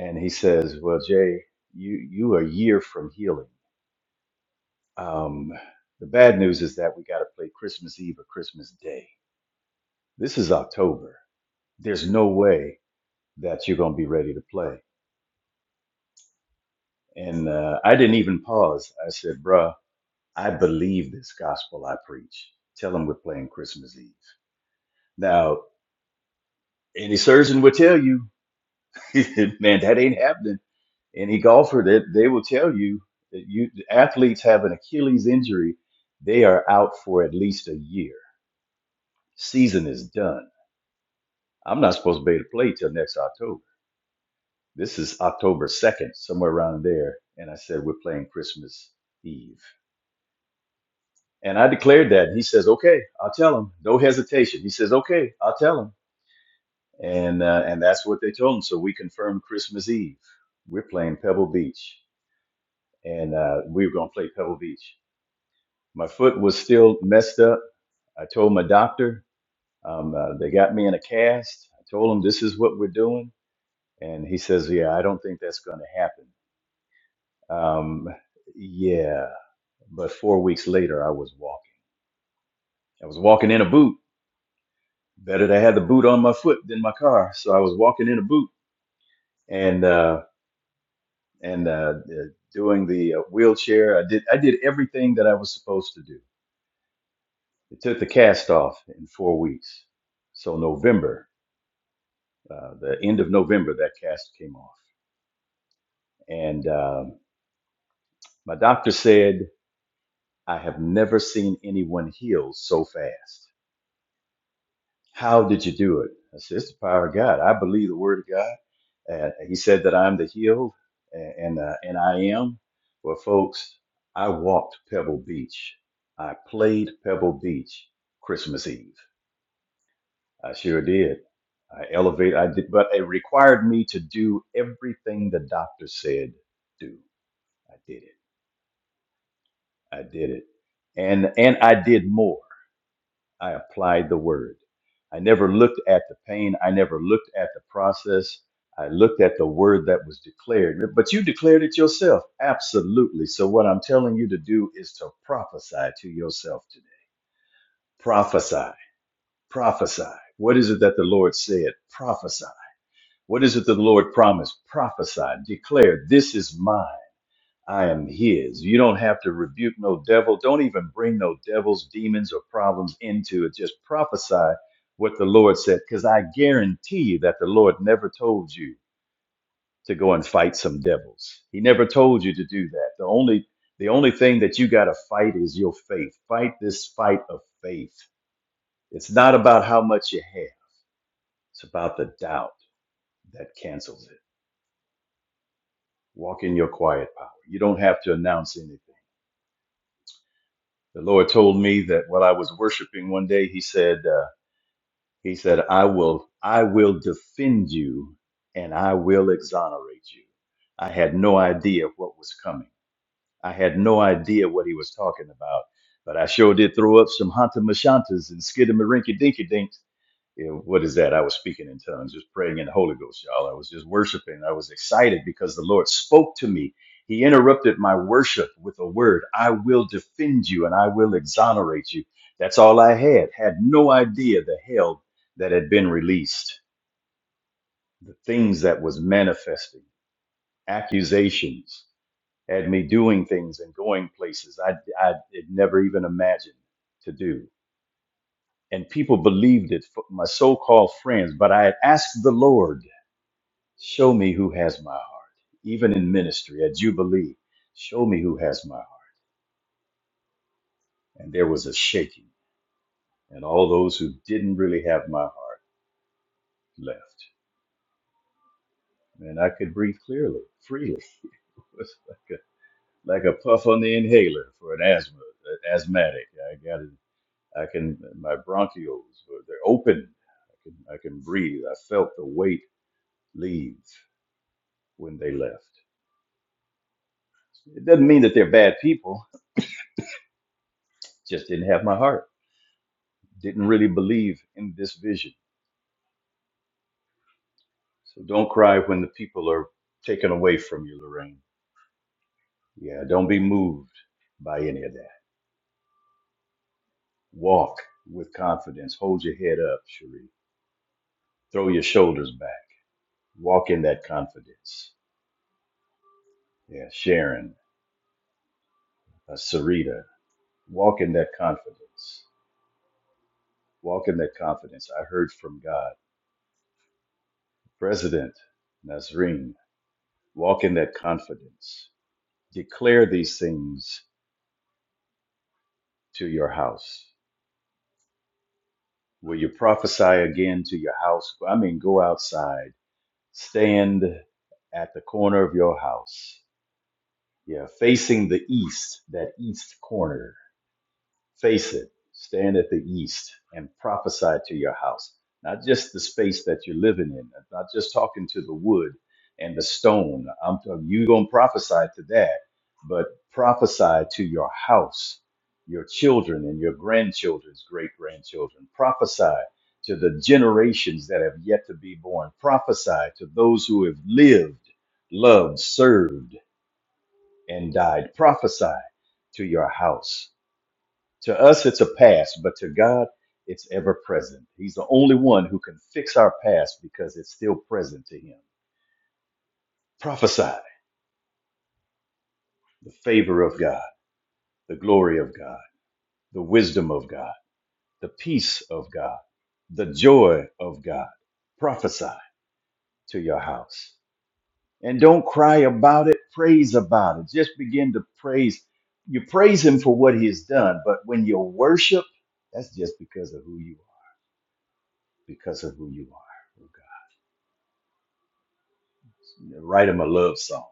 Speaker 3: And he says, Well, Jay, you, you are a year from healing. Um, the bad news is that we got to play Christmas Eve or Christmas Day. This is October. There's no way that you're going to be ready to play. And uh, I didn't even pause. I said, Bruh, I believe this gospel I preach. Tell them we're playing Christmas Eve. Now, Any surgeon would tell you, *laughs* man, that ain't happening. Any golfer that they will tell you that you athletes have an Achilles injury, they are out for at least a year. Season is done. I'm not supposed to be able to play till next October. This is October 2nd, somewhere around there. And I said, we're playing Christmas Eve. And I declared that. He says, okay, I'll tell him. No hesitation. He says, okay, I'll tell him. And, uh, and that's what they told him. So we confirmed Christmas Eve. We're playing Pebble Beach. and uh, we were going to play Pebble Beach. My foot was still messed up. I told my doctor, um, uh, they got me in a cast. I told him this is what we're doing, and he says, "Yeah, I don't think that's going to happen." Um, yeah, but four weeks later, I was walking. I was walking in a boot. Better to have the boot on my foot than my car. So I was walking in a boot, and uh, and uh, uh, doing the uh, wheelchair. I did I did everything that I was supposed to do It took the cast off in four weeks. So November, uh, the end of November, that cast came off, and um, my doctor said, "I have never seen anyone heal so fast. How did you do it?" I said, "It's the power of God. I believe the Word of God." And he said that I'm the healed, and and, uh, and I am. Well, folks, I walked Pebble Beach. I played Pebble Beach Christmas Eve. I sure did. I elevate. I did, but it required me to do everything the doctor said do. I did it. I did it, and and I did more. I applied the word. I never looked at the pain. I never looked at the process. I looked at the word that was declared. But you declared it yourself, absolutely. So what I'm telling you to do is to prophesy to yourself today. Prophesy. Prophesy. What is it that the Lord said? Prophesy What is it that the Lord promised? Prophesy, declared. this is mine. I am his. You don't have to rebuke no devil. Don't even bring no devils, demons, or problems into it. Just prophesy what the Lord said, because I guarantee you that the Lord never told you to go and fight some devils. He never told you to do that. The only the only thing that you got to fight is your faith. Fight this fight of faith. It's not about how much you have. It's about the doubt that cancels it. Walk in your quiet power. You don't have to announce anything. The Lord told me that while I was worshiping one day, He said, uh, He said, I will, I will defend you, and I will exonerate you. I had no idea what was coming. I had no idea what He was talking about, but I sure did throw up some hanta mashantas and skidamarinky dinky dinks you know, what is that? I was speaking in tongues, just praying in the Holy Ghost, y'all. I was just worshiping. I was excited because the Lord spoke to me. He interrupted my worship with a word I will defend you and I will exonerate you. That's all I had. Had no idea the hell that had been released, the things that was manifesting, accusations had me doing things and going places I, I had never even imagined to do. And people believed it, my so called friends, but I had asked the Lord Show me who has my heart. Even in ministry at Jubilee, show me who has my heart. And there was a shaking, and all those who didn't really have my heart left. And I could breathe clearly, freely. *laughs* It was like a, like a puff on the inhaler for an asthma an asthmatic. I got it. I can my bronchioles were- they're open. I can I can breathe. I felt the weight leave when they left. It doesn't mean that they're bad people. Just didn't have my heart. didn't really believe in this vision. So don't cry when the people are taken away from you, Lorraine. Yeah, don't be moved by any of that. Walk with confidence. Hold your head up, Cherie. Throw your shoulders back. Walk in that confidence. Yeah, Sharon, uh, Sarita, walk in that confidence. Walk in that confidence. I heard from God. President Nazreen, walk in that confidence. Declare these things to your house. Will you prophesy again to your house? I mean, go outside, stand at the corner of your house. Yeah, facing the east, that east corner. Face it, stand at the east and prophesy to your house, not just the space that you're living in, not just talking to the wood and the stone. I'm talking, you're going to prophesy to that, but prophesy to your house, your children, and your grandchildren's great grandchildren. Prophesy to the generations that have yet to be born. Prophesy to those who have lived, loved, served, and died. Prophesy to your house to us, it's a past, but to God, it's ever present. He's the only one who can fix our past because it's still present to Him. Prophesy the favor of God, the glory of God, the wisdom of God, the peace of God, the joy of God. Prophesy to your house. And don't cry about it, praise about it. Just begin to praise. You praise Him for what He has done, but when you worship, that's just because of who you are, because of who you are. write him a love song.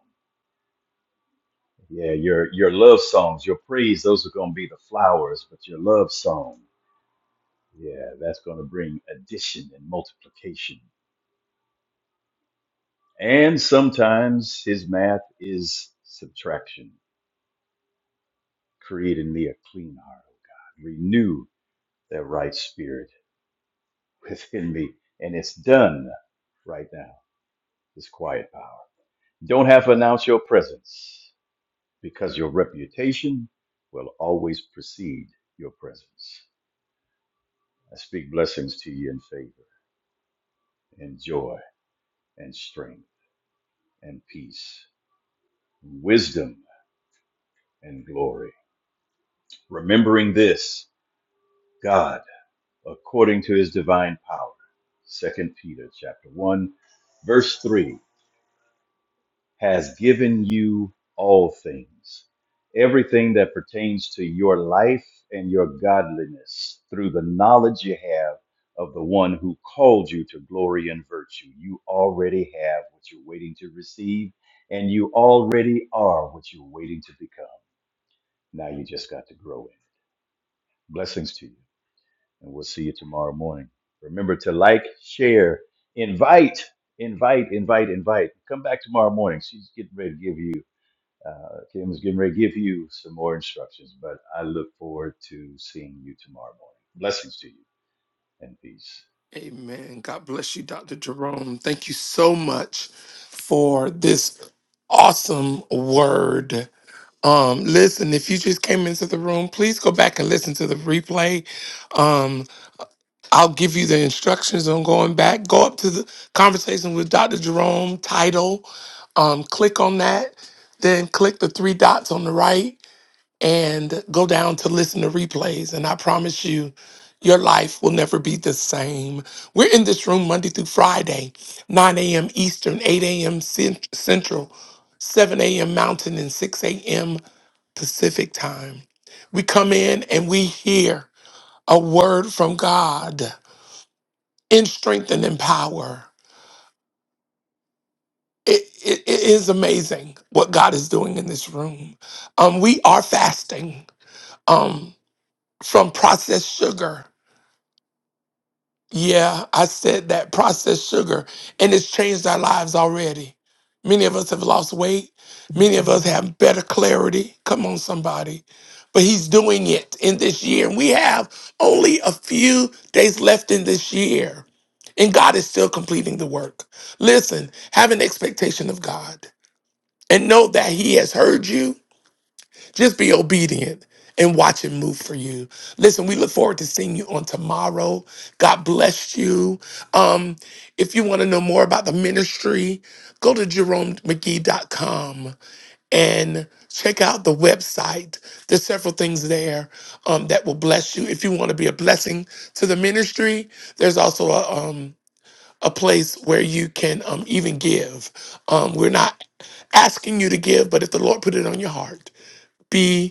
Speaker 3: Yeah, your your love songs, your praise, those are going to be the flowers, but your love song, yeah, that's going to bring addition and multiplication. And sometimes his math is subtraction, creating me a clean heart, oh God. Renew that right spirit within me. And it's done right now, this quiet power. Don't have to announce your presence because your reputation will always precede your presence. I speak blessings to you in favor and joy and strength and peace, wisdom and glory. Remembering this, God, according to his divine power. Second Peter chapter 1, verse 3. has given you all things, everything that pertains to your life and your godliness through the knowledge you have of the one who called you to glory and virtue. You already have what you're waiting to receive, and you already are what you're waiting to become. Now you just got to grow in. it. Blessings to you, and we'll see you tomorrow morning. Remember to like, share, invite, invite, invite, invite. Come back tomorrow morning. She's getting ready to give you uh, Kim is getting ready to give you some more instructions, but I look forward to seeing you tomorrow morning. Blessings to you and peace.
Speaker 2: Amen. God bless you, Dr. Jerome. Thank you so much for this awesome word. Um, listen, if you just came into the room, please go back and listen to the replay. Um, I'll give you the instructions on going back. Go up to the conversation with Dr. Jerome title. Um, click on that. Then click the three dots on the right and go down to listen to replays. And I promise you, your life will never be the same. We're in this room Monday through Friday, 9 a.m. Eastern, 8 a.m. Cent- Central, 7 a.m. Mountain, and 6 a.m. Pacific time. We come in and we hear a word from God in strength and in power. It, it, it is amazing what God is doing in this room. Um, we are fasting um, from processed sugar. Yeah, I said that processed sugar, and it's changed our lives already. Many of us have lost weight. Many of us have better clarity. Come on, somebody. But he's doing it in this year. And we have only a few days left in this year. And God is still completing the work. Listen, have an expectation of God and know that he has heard you just be obedient and watch it move for you. Listen, we look forward to seeing you on tomorrow. God bless you. Um, if you want to know more about the ministry, go to jeromemcgee.com and check out the website. There's several things there um, that will bless you. If you want to be a blessing to the ministry, there's also a um, a place where you can um, even give. Um, we're not asking you to give, but if the Lord put it on your heart, be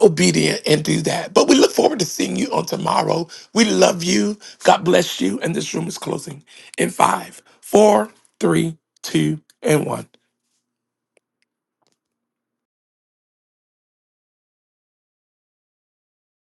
Speaker 2: obedient and do that. But we look forward to seeing you on tomorrow. We love you. God bless you. And this room is closing in five, four, three, two, and one.